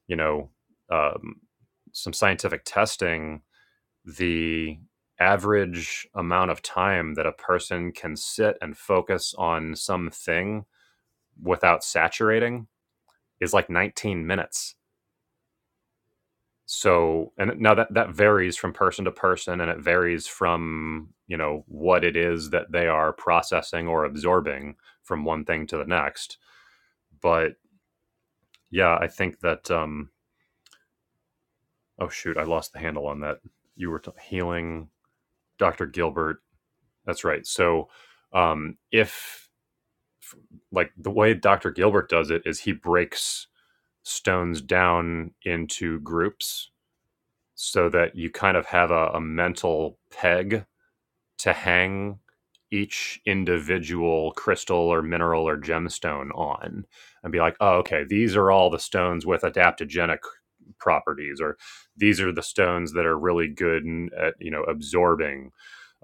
Speaker 1: you know um, some scientific testing, the average amount of time that a person can sit and focus on something without saturating is like 19 minutes. So, and now that that varies from person to person and it varies from, you know, what it is that they are processing or absorbing from one thing to the next. But yeah, I think that um oh shoot, I lost the handle on that. You were t- healing Dr. Gilbert. That's right. So, um, if like the way Dr. Gilbert does it is he breaks stones down into groups so that you kind of have a, a mental peg to hang each individual crystal or mineral or gemstone on and be like, oh, okay, these are all the stones with adaptogenic properties, or these are the stones that are really good at, you know, absorbing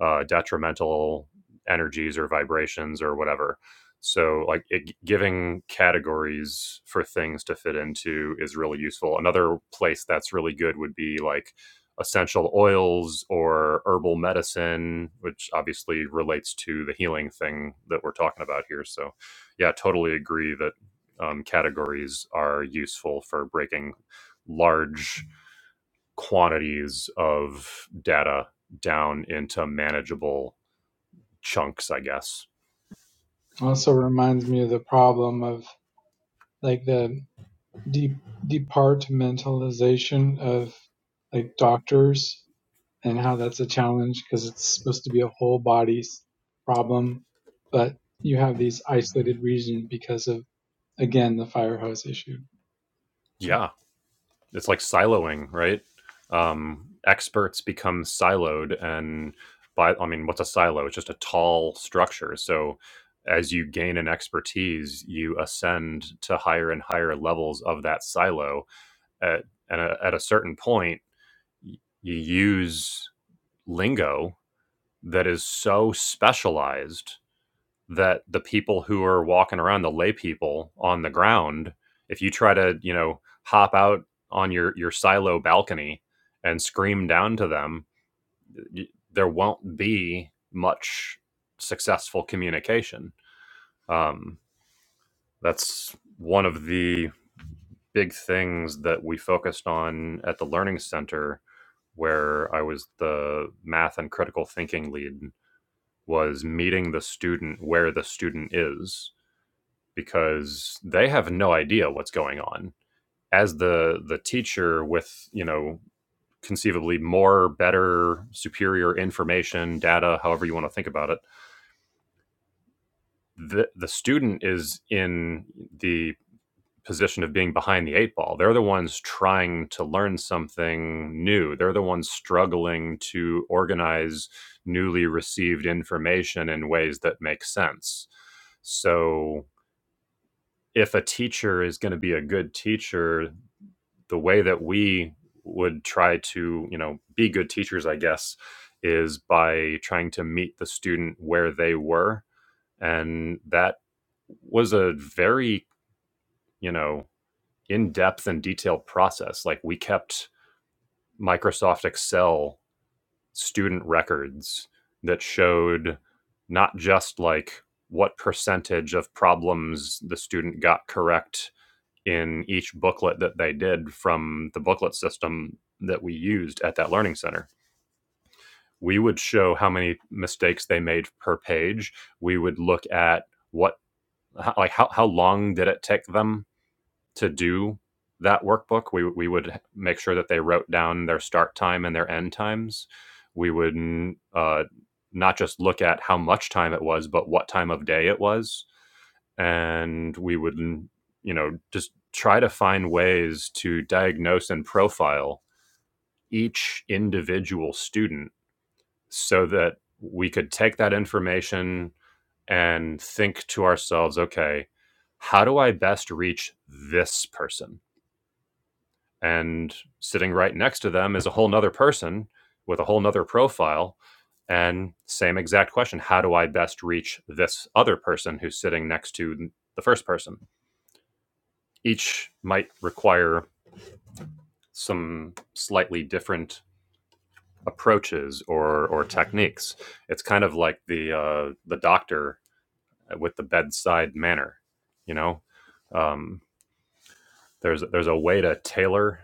Speaker 1: uh, detrimental energies or vibrations or whatever. So, like it, giving categories for things to fit into is really useful. Another place that's really good would be like essential oils or herbal medicine, which obviously relates to the healing thing that we're talking about here. So, yeah, totally agree that um, categories are useful for breaking large quantities of data down into manageable chunks, I guess.
Speaker 4: Also reminds me of the problem of like the de- departmentalization of like doctors and how that's a challenge because it's supposed to be a whole body's problem, but you have these isolated regions because of again the fire hose issue. Uh,
Speaker 1: Yeah. it's like siloing, right? Um, experts become siloed, and by I mean, what's a silo? It's just a tall structure. So as you gain an expertise, you ascend to higher and higher levels of that silo. At, and a, at a certain point, you use lingo that is so specialized that the people who are walking around the lay people on the ground if you try to you know hop out on your your silo balcony and scream down to them there won't be much successful communication um, that's one of the big things that we focused on at the learning center where i was the math and critical thinking lead was meeting the student where the student is because they have no idea what's going on as the the teacher with you know conceivably more better superior information data however you want to think about it the the student is in the position of being behind the eight ball they're the ones trying to learn something new they're the ones struggling to organize newly received information in ways that make sense so if a teacher is going to be a good teacher the way that we would try to you know be good teachers i guess is by trying to meet the student where they were and that was a very you know in-depth and detailed process like we kept microsoft excel student records that showed not just like what percentage of problems the student got correct in each booklet that they did from the booklet system that we used at that learning center. We would show how many mistakes they made per page. We would look at what, how, like, how, how long did it take them to do that workbook? We, we would make sure that they wrote down their start time and their end times. We would uh, not just look at how much time it was, but what time of day it was and we would you know just try to find ways to diagnose and profile each individual student so that we could take that information and think to ourselves okay how do i best reach this person and sitting right next to them is a whole nother person with a whole nother profile and same exact question how do i best reach this other person who's sitting next to the first person each might require some slightly different approaches or or techniques. It's kind of like the uh, the doctor with the bedside manner. You know, um, there's there's a way to tailor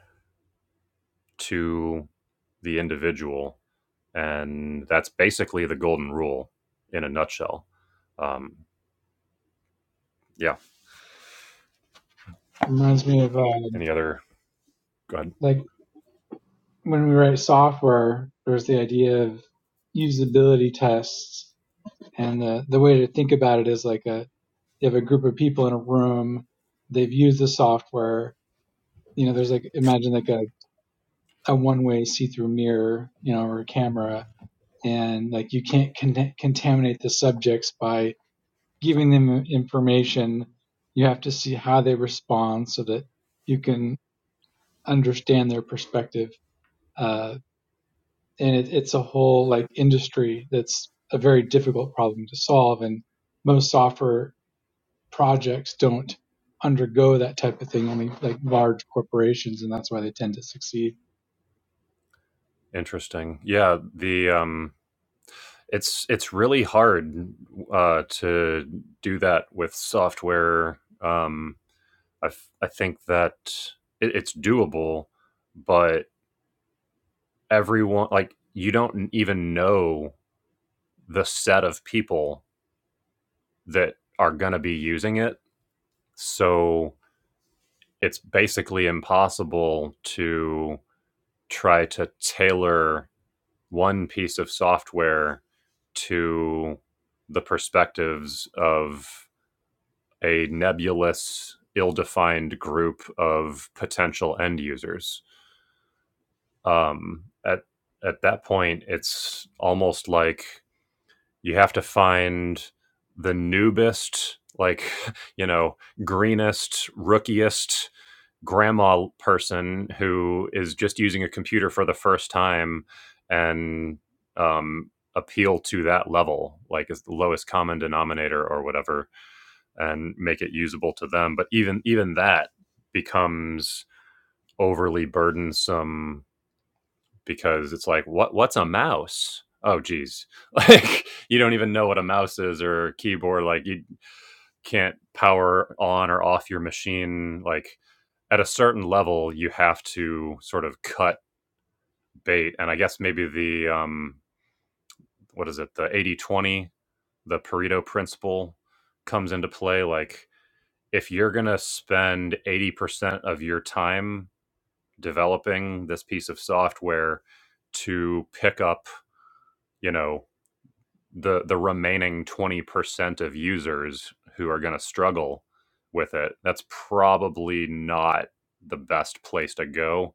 Speaker 1: to the individual, and that's basically the golden rule in a nutshell. Um, yeah.
Speaker 4: reminds me of uh,
Speaker 1: Any other Go ahead.
Speaker 4: like when we write software, there's the idea of usability tests. And the, the way to think about it is like a, you have a group of people in a room, they've used the software. You know, there's like, imagine like a, a one way see through mirror, you know, or a camera. And like you can't con- contaminate the subjects by giving them information. You have to see how they respond so that you can understand their perspective. Uh, and it, it's a whole like industry that's a very difficult problem to solve and most software projects don't undergo that type of thing only like large corporations and that's why they tend to succeed
Speaker 1: interesting? Yeah. The um, it's it's really hard uh, to do that with software. Um, I I think that it, it's doable, but everyone like you don't even know the set of people that are going to be using it, so it's basically impossible to try to tailor one piece of software to the perspectives of a nebulous, ill defined group of potential end users. Um, at, at that point, it's almost like you have to find the newbest, like, you know, greenest, rookiest grandma person who is just using a computer for the first time and um, appeal to that level, like is the lowest common denominator or whatever and make it usable to them. But even even that becomes overly burdensome because it's like what what's a mouse? Oh geez. Like you don't even know what a mouse is or a keyboard. Like you can't power on or off your machine. Like at a certain level you have to sort of cut bait. And I guess maybe the um what is it, the eighty twenty the Pareto principle comes into play. Like if you're going to spend 80% of your time developing this piece of software to pick up, you know, the the remaining 20% of users who are going to struggle with it, that's probably not the best place to go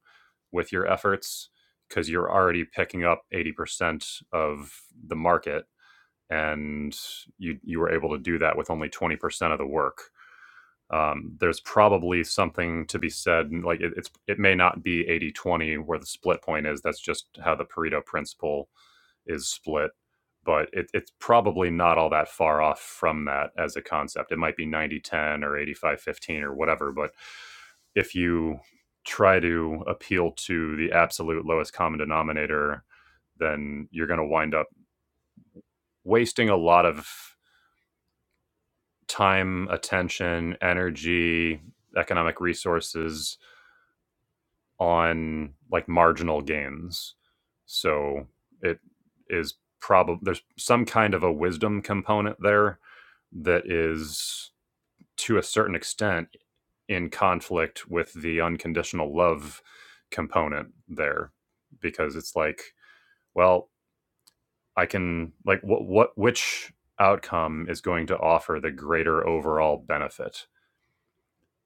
Speaker 1: with your efforts because you're already picking up 80% of the market and you you were able to do that with only 20% of the work um, there's probably something to be said like it, it's it may not be eighty twenty where the split point is that's just how the pareto principle is split but it, it's probably not all that far off from that as a concept it might be ninety ten or eighty five fifteen or whatever but if you try to appeal to the absolute lowest common denominator then you're going to wind up wasting a lot of time attention energy economic resources on like marginal gains. So it is probably there's some kind of a wisdom component there that is to a certain extent in conflict with the unconditional love component there because it's like well i can like what what which outcome is going to offer the greater overall benefit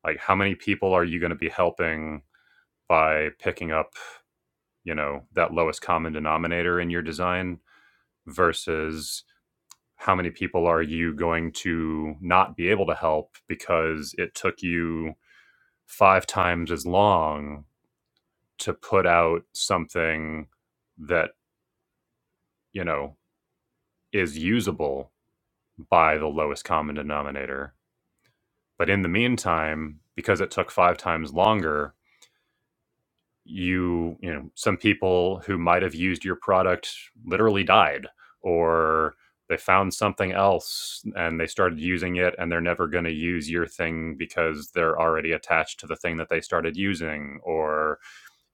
Speaker 1: like how many people are you going to be helping by picking up you know that lowest common denominator in your design versus how many people are you going to not be able to help because it took you five times as long to put out something that you know is usable by the lowest common denominator but in the meantime because it took five times longer you you know some people who might have used your product literally died or they found something else and they started using it and they're never going to use your thing because they're already attached to the thing that they started using or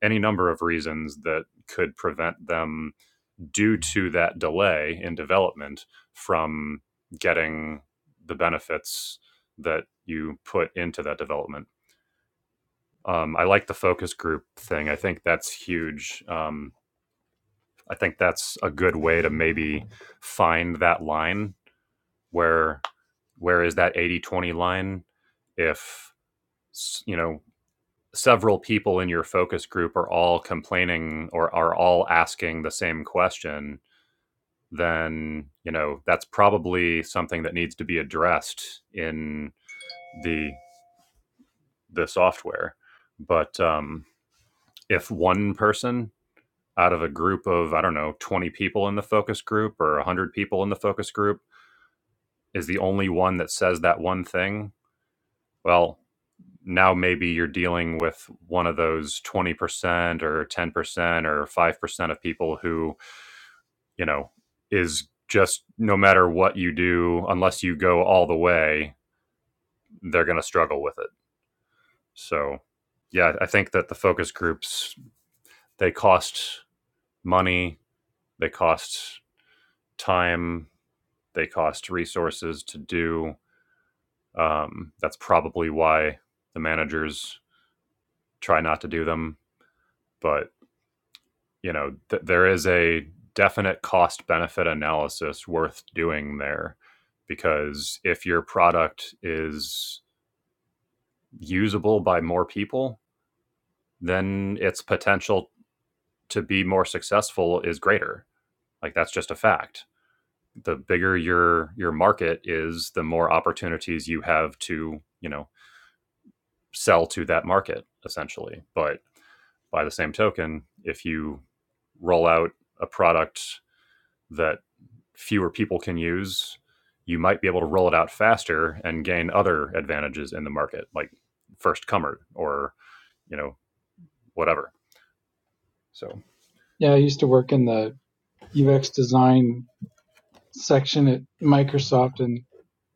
Speaker 1: any number of reasons that could prevent them due to that delay in development from getting the benefits that you put into that development um, I like the focus group thing. I think that's huge. Um, I think that's a good way to maybe find that line where where is that eighty twenty line if you know several people in your focus group are all complaining or are all asking the same question then you know that's probably something that needs to be addressed in the the software but um if one person out of a group of, I don't know, 20 people in the focus group or 100 people in the focus group is the only one that says that one thing, well, now maybe you're dealing with one of those 20% or 10% or 5% of people who, you know, is just no matter what you do, unless you go all the way, they're going to struggle with it. So, yeah, I think that the focus groups, they cost money, they cost time, They cost resources to do. Um, that's probably why the managers try not to do them. But you know, th- there is a definite cost benefit analysis worth doing there, because if your product is usable by more people, then its potential to be more successful is greater. Like that's just a fact. The bigger your your market is, the more opportunities you have to, you know, sell to that market essentially. But by the same token, if you roll out a product that fewer people can use, you might be able to roll it out faster and gain other advantages in the market, like first comer or you know whatever. So
Speaker 4: yeah i used to work in the ux design section at microsoft and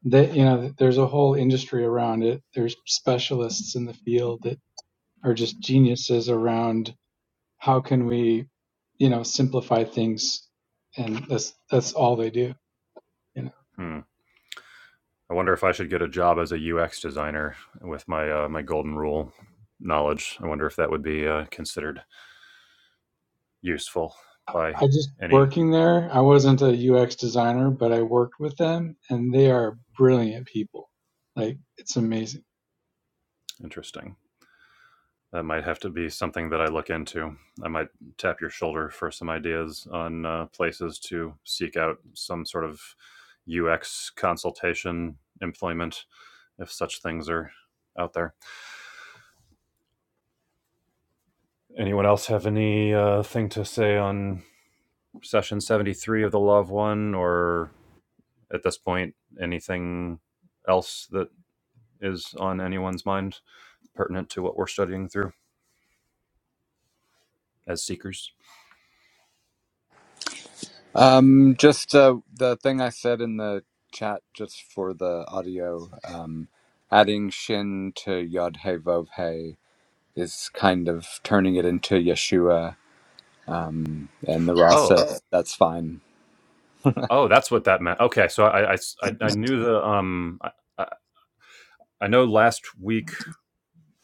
Speaker 4: that you know there's a whole industry around it there's specialists in the field that are just geniuses around how can we you know simplify things and that's that's all they do you know
Speaker 1: hmm, I wonder if I should get a job as a UX designer with my uh, my golden rule knowledge. I wonder if that would be uh, considered useful by
Speaker 4: I just
Speaker 1: any.
Speaker 4: working there. I wasn't a UX designer, but I worked with them and they are brilliant people. Like it's amazing.
Speaker 1: Interesting. That might have to be something that I look into. I might tap your shoulder for some ideas on uh, places to seek out some sort of UX consultation employment if such things are out there. Anyone else have any uh, thing to say on session 73 of the Love One or at this point anything else that is on anyone's mind pertinent to what we're studying through as seekers?
Speaker 2: Um, just uh, the thing I said in the chat, just for the audio, um, adding shin to yod hey vov hey is kind of turning it into Yeshua. Um, and the Rasa.
Speaker 1: Oh.
Speaker 2: that's fine.
Speaker 1: Oh, that's what that meant. Okay, so I I I I knew the um I, I I know last week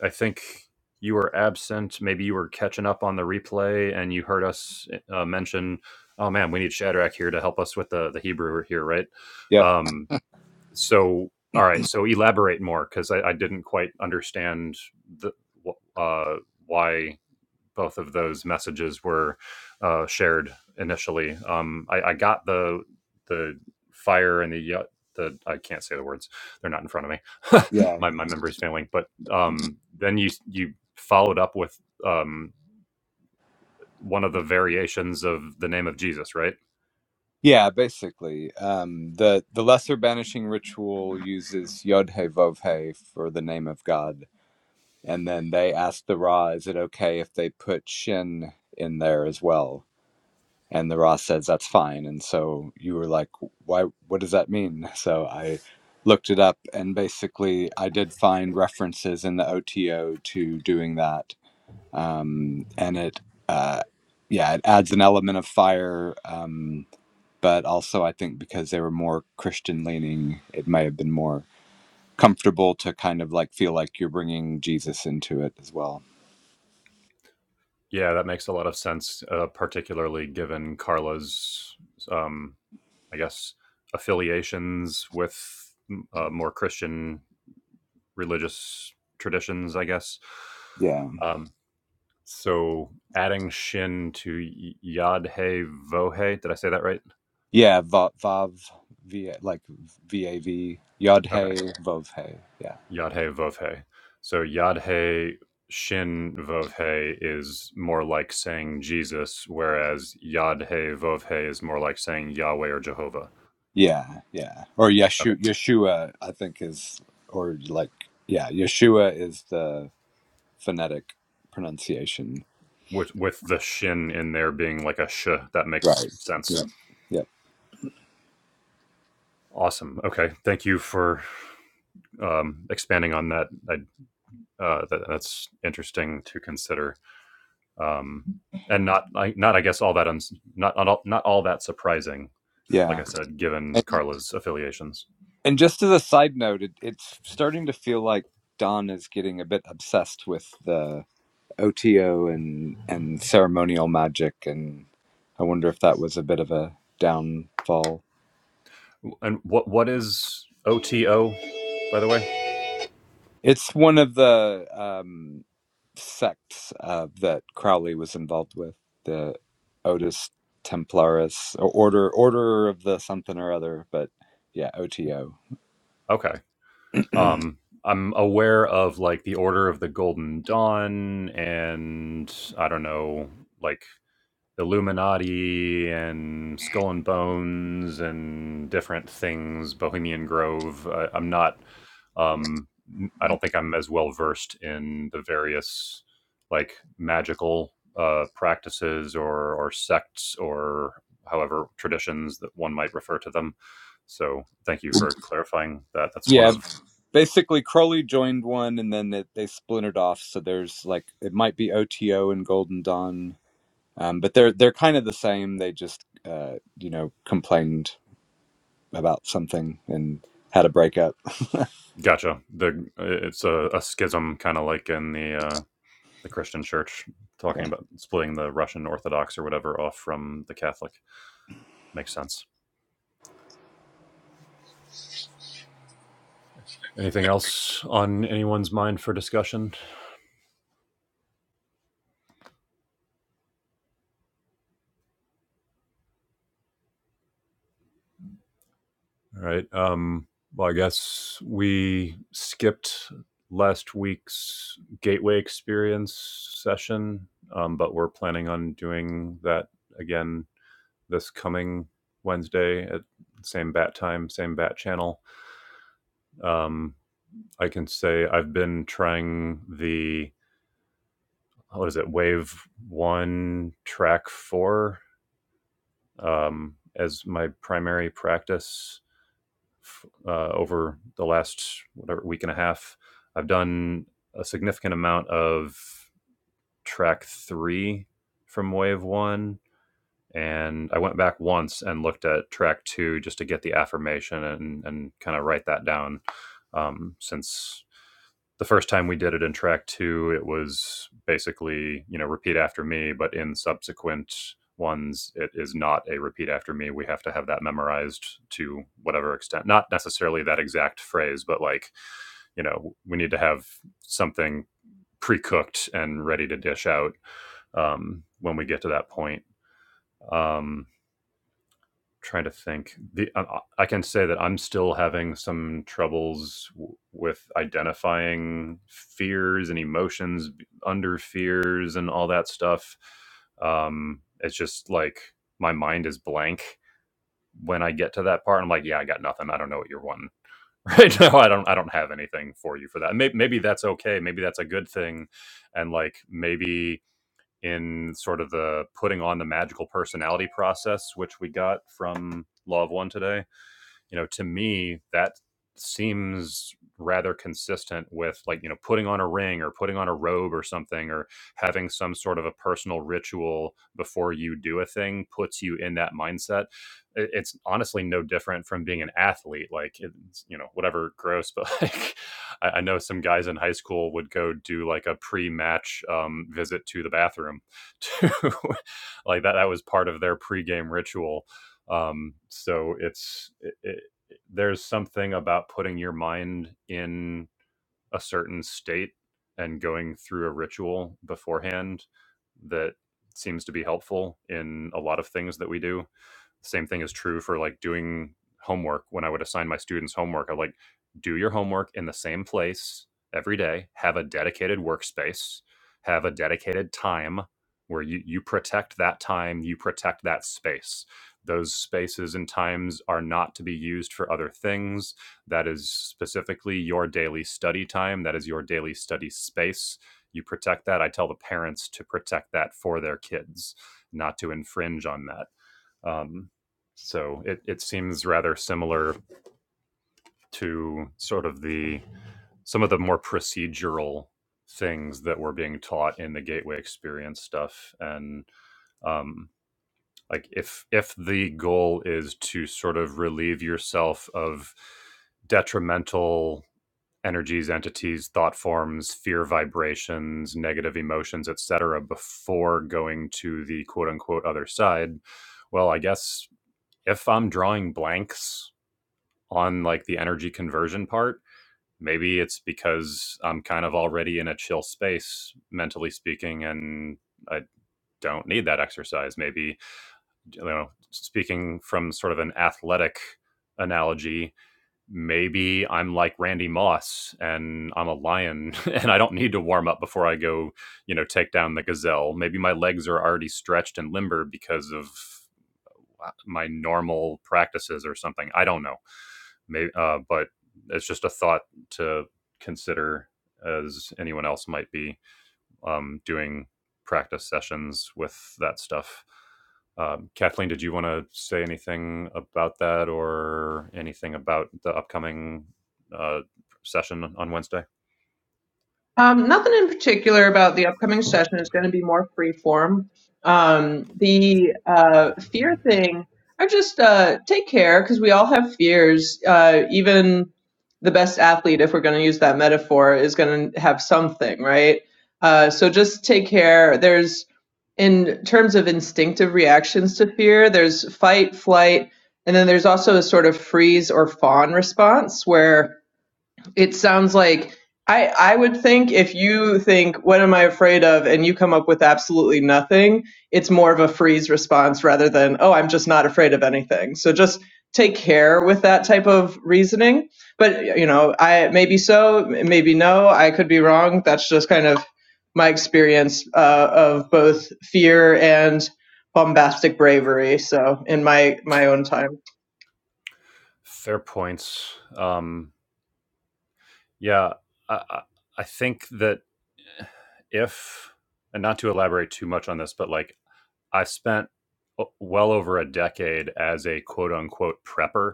Speaker 1: I think you were absent. Maybe you were catching up on the replay and you heard us uh, mention, "Oh man, we need Shadrach here to help us with the the Hebrew here, right?"
Speaker 2: Yep.
Speaker 1: Um, so all right, so elaborate more because I, I didn't quite understand the wh- uh why both of those messages were uh, shared initially. Um, I, I got the the fire and the the I can't say the words; they're not in front of me.
Speaker 2: Yeah.
Speaker 1: my my memory's failing. But um, then you you followed up with um, one of the variations of the name of Jesus, right?
Speaker 2: Yeah. Basically, um, the the lesser banishing ritual uses yod hey vov hey for the name of God, and then they ask the Ra, "Is it okay if they put shin in there as well?" And the Ross says, That's fine. And so you were like, Why? What does that mean? So I looked it up, and basically, I did find references in the OTO to doing that. Um, and it, uh, yeah, it adds an element of fire. Um, but also, I think because they were more Christian leaning, it may have been more comfortable to kind of like feel like you're bringing Jesus into it as well.
Speaker 1: Yeah, that makes a lot of sense, uh, particularly given Carla's, um, I guess, affiliations with mm, uh, more Christian religious traditions, I guess.
Speaker 2: Yeah.
Speaker 1: Um, so adding shin to y- yad he vo Did I say that right?
Speaker 2: Yeah, va- vav, v like v a v yod
Speaker 1: Okay.
Speaker 2: hey vov hey. Yeah,
Speaker 1: Yad he vov he. So yad he shin vov he is more like saying Jesus, whereas yad he vov he is more like saying Yahweh or Jehovah.
Speaker 2: yeah, yeah. Or
Speaker 1: Okay.
Speaker 2: Yeshu Yeshua, I think is or like yeah, Yeshua is the phonetic pronunciation.
Speaker 1: With, with the shin in there being like a sh, that makes
Speaker 2: Right.
Speaker 1: sense.
Speaker 2: Yep. Yep.
Speaker 1: Awesome. Okay. Thank you for um, expanding on that I uh, that, that's interesting to consider, um, and not like not I guess all that uns not not all, not all that surprising. Like
Speaker 2: Yeah.
Speaker 1: I said, given
Speaker 2: And,
Speaker 1: Carla's affiliations,
Speaker 2: and just as a side note, it, it's starting to feel like Don is getting a bit obsessed with the OTO and and ceremonial magic, and I wonder if that was a bit of a downfall
Speaker 1: and what what is OTO, by the way?
Speaker 2: It's one of the um, sects uh, that Crowley was involved with, the Otis Templaris or order order of the something or other, but yeah, OTO.
Speaker 1: Okay, um, I'm aware of like the Order of the Golden Dawn, and I don't know like Illuminati and Skull and Bones and different things, Bohemian Grove. I, I'm not. Um, I don't think I'm as well versed in the various like magical uh, practices or or sects or however traditions that one might refer to them. So thank you for clarifying that. That's one
Speaker 2: Yeah,
Speaker 1: of
Speaker 2: basically Crowley joined one, and then it, they splintered off. So there's like it might be OTO and Golden Dawn, um, but they're they're kind of the same. They just uh, you know complained about something and had a breakup.
Speaker 1: gotcha. The it's a, a schism kind of like in the uh, the Christian church
Speaker 2: Yeah,
Speaker 1: talking about splitting the Russian Orthodox or whatever off from the Catholic. Makes sense. Anything else on anyone's mind for discussion? All right. Um, well, I guess we skipped last week's Gateway Experience session, um, but we're planning on doing that again this coming Wednesday at same bat time, same bat channel. Um, I can say I've been trying the what is it wave one track four um, as my primary practice uh, over the last whatever week and a half i've done a significant amount of track three from wave one and i went back once and looked at track two just to get the affirmation and, and kind of write that down um, since the first time we did it in track two, it was basically, you know, repeat after me, but in subsequent ones, it is not a repeat after me. We have to have that memorized to whatever extent, not necessarily that exact phrase, but like, you know, we need to have something pre cooked and ready to dish out um, when we get to that point. Um, trying to think. The I I can say that I'm still having some troubles w- with identifying fears and emotions under fears and all that stuff. Um, it's just like my mind is blank when I get to that part. I'm like, yeah, I got nothing. I don't know what you're wanting right now. I don't. I don't have anything for you for that. Maybe, maybe that's okay. Maybe that's a good thing, and like maybe in sort of the putting on the magical personality process, which we got from Law of One today you know to me that seems rather consistent with like you know putting on a ring or putting on a robe or something or having some sort of a personal ritual before you do a thing puts you in that mindset It- it's honestly no different from being an athlete like it's you know whatever gross but like i, I know some guys in high school would go do like a pre-match um, visit to the bathroom to like that that was part of their pre-game ritual um, so it's it, it, there's something about putting your mind in a certain state and going through a ritual beforehand that seems to be helpful in a lot of things that we do same thing is true for like doing homework. When I would assign my students homework, I like do your homework in the same place every day, have a dedicated workspace, have a dedicated time where you, you protect that time, you protect that space. Those spaces and times are not to be used for other things. That is specifically your daily study time. That is your daily study space. You protect that. I tell the parents to protect that for their kids, not to infringe on that um, so it, it seems rather similar to sort of the some of the more procedural things that were being taught in the gateway experience stuff and um, like if if the goal is to sort of relieve yourself of detrimental energies entities thought forms fear vibrations negative emotions etc before going to the quote unquote other side well i guess if I'm drawing blanks on like the energy conversion part, maybe it's because I'm kind of already in a chill space, mentally speaking, and I don't need that exercise. Maybe, you know, speaking from sort of an athletic analogy, maybe I'm like Randy Moss and I'm a lion and I don't need to warm up before I go, you know, take down the gazelle. Maybe my legs are already stretched and limber because of uh, my normal practices or something. I don't know. Maybe, uh, but it's just a thought to consider as anyone else might be um, doing practice sessions with that stuff. Um, Kathleen, did you want to say anything about that or anything about the upcoming uh, session on Wednesday?
Speaker 3: Um, nothing in particular about the upcoming session is going to be more free form. Um, the uh, fear thing, I just uh, take care because we all have fears. Uh, even the best athlete, if we're going to use that metaphor, is going to have something, right? Uh, so just take care. There's, in terms of instinctive reactions to fear, there's fight, flight, and then there's also a sort of freeze or fawn response where it sounds like I I would think if you think what am I afraid of and you come up with absolutely nothing, it's more of a freeze response rather than oh I'm just not afraid of anything. So just take care with that type of reasoning. But you know, I maybe so, maybe no, I could be wrong. That's just kind of my experience uh, of both fear and bombastic bravery. So in my my own time.
Speaker 1: Fair points. Um, yeah, I, I- I think that if, and not to elaborate too much on this, but like I spent uh, well over a decade as a quote unquote prepper.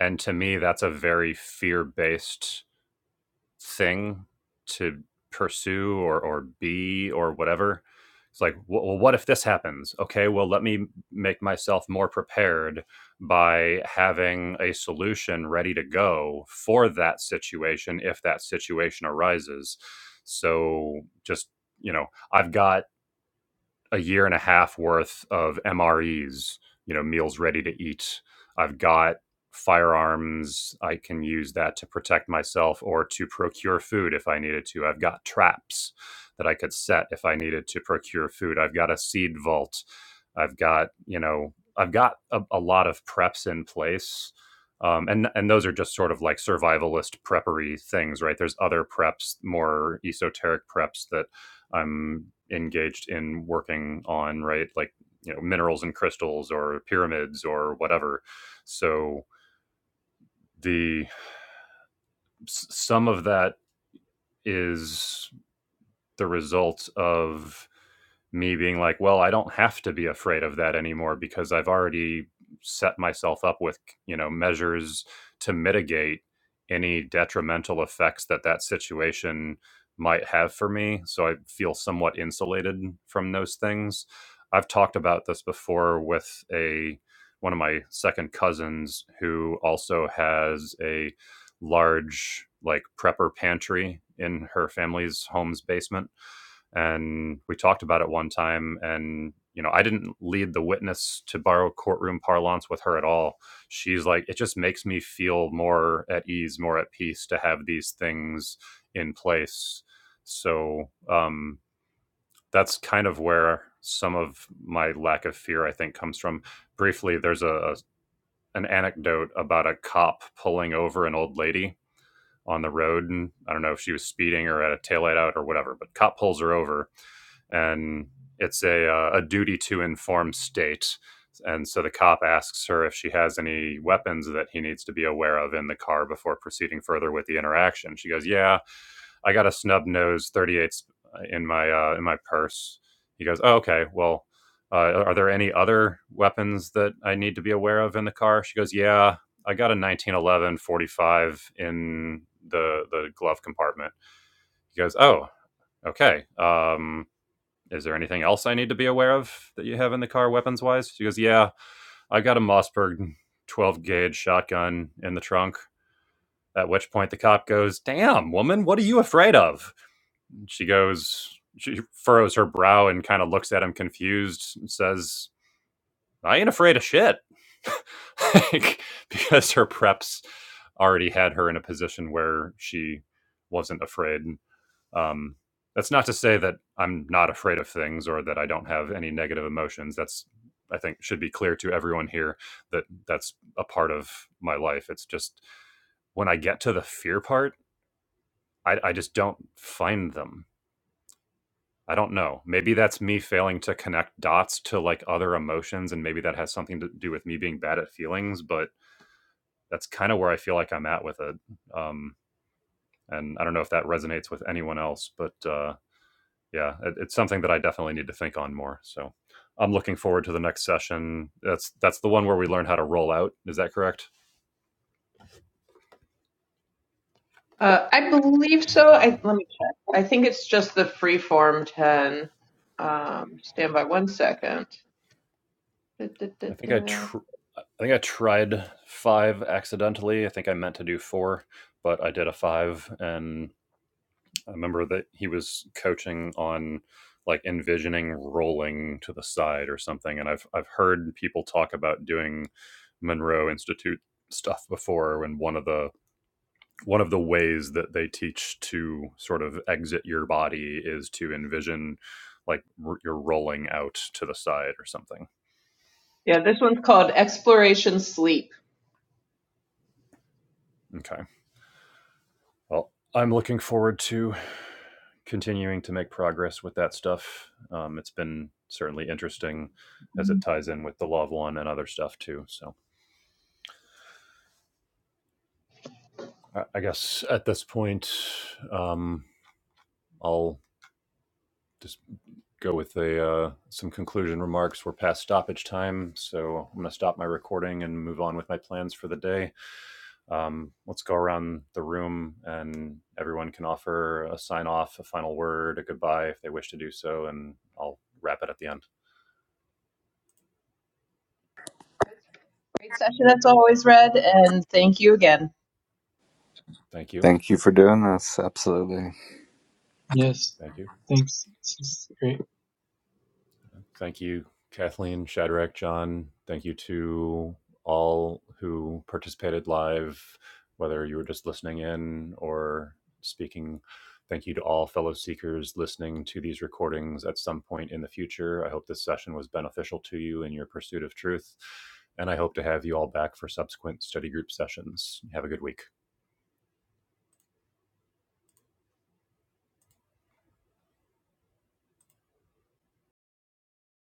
Speaker 1: And to me, that's a very fear based thing to pursue or, or be or whatever. It's like, well, what if this happens? Okay, well, let me make myself more prepared by having a solution ready to go for that situation if that situation arises. So just, you know, I've got a year and a half worth of MREs, you know, meals ready to eat. I've got firearms. I can use that to protect myself or to procure food if I needed to. I've got traps that I could set if I needed to procure food. I've got a seed vault. I've got, you know, I've got a, a lot of preps in place. Um, and and those are just sort of like survivalist preppery things, right? There's other preps, more esoteric preps that I'm engaged in working on, right? Like, you know, minerals and crystals or pyramids or whatever. So the some of that is the result of me being like, well, I don't have to be afraid of that anymore because I've already set myself up with, you know, measures to mitigate any detrimental effects that that situation might have for me. So I feel somewhat insulated from those things. I've talked about this before with a one of my second cousins who also has a large like prepper pantry in her family's home's basement and we talked about it one time and you know i didn't lead the witness to borrow courtroom parlance with her at all she's like it just makes me feel more at ease more at peace to have these things in place so um that's kind of where some of my lack of fear i think comes from briefly there's a a an anecdote about a cop pulling over an old lady on the road and i don't know if she was speeding or had a taillight out or whatever but cop pulls her over and it's a uh, a duty to inform state. And so the cop asks her if she has any weapons that he needs to be aware of in the car before proceeding further with the interaction. She goes, "Yeah, I got a snub nose 38 in my uh, in my purse." He goes, "Oh, okay. Well, uh, are there any other weapons that I need to be aware of in the car?" She goes, "Yeah, I got a 1911 45 in the the glove compartment." He goes, "Oh, okay. Um, is there anything else I need to be aware of that you have in the car weapons wise? She goes, Yeah, I got a Mossberg 12 gauge shotgun in the trunk. At which point the cop goes, Damn, woman, what are you afraid of? She goes, She furrows her brow and kind of looks at him confused and says, I ain't afraid of shit. like, because her preps already had her in a position where she wasn't afraid um, that's not to say that I'm not afraid of things or that I don't have any negative emotions. That's I think should be clear to everyone here that that's a part of my life. It's just when I get to the fear part, I, I just don't find them. I don't know. Maybe that's me failing to connect dots to like other emotions, and maybe that has something to do with me being bad at feelings. But that's kind of where I feel like I'm at with it. Um, and I don't know if that resonates with anyone else, but uh, yeah it, it's something that i definitely need to think on more so i'm looking forward to the next session that's that's the one where we learn how to roll out is that correct
Speaker 3: Uh, I believe so. I, let me check. I think it's just the freeform 10. Um, stand by one second. Da, da, da,
Speaker 1: i think i
Speaker 3: da.
Speaker 1: tr- i think i tried five accidentally i think i meant to do four but i did a five and i remember that he was coaching on like envisioning rolling to the side or something and i've i've heard people talk about doing monroe institute stuff before when one of the one of the ways that they teach to sort of exit your body is to envision like r- you're rolling out to the side or something.
Speaker 3: Yeah, this one's called Exploration Sleep.
Speaker 1: Okay. Well, I'm looking forward to continuing to make progress with that stuff. Um, it's been certainly interesting as it ties in with the Love One and other stuff too. So I, I guess at this point, um, I'll just go with a uh, some conclusion remarks. We're past stoppage time, so I'm going to stop my recording and move on with my plans for the day. Um, let's go around the room, and everyone can offer a sign off, a final word, a goodbye if they wish to do so, and I'll wrap it at the end.
Speaker 3: Great session as always, Red, and thank you again.
Speaker 1: Thank you.
Speaker 2: thank you for doing this. Absolutely.
Speaker 4: Yes.
Speaker 1: Thank you.
Speaker 4: Thanks. This is great.
Speaker 1: Thank you, Kathleen, Shadrach, John. Thank you to all who participated live, whether you were just listening in or speaking. Thank you to all fellow seekers listening to these recordings at some point in the future. I hope this session was beneficial to you in your pursuit of truth, and I hope to have you all back for subsequent study group sessions. Have a good week.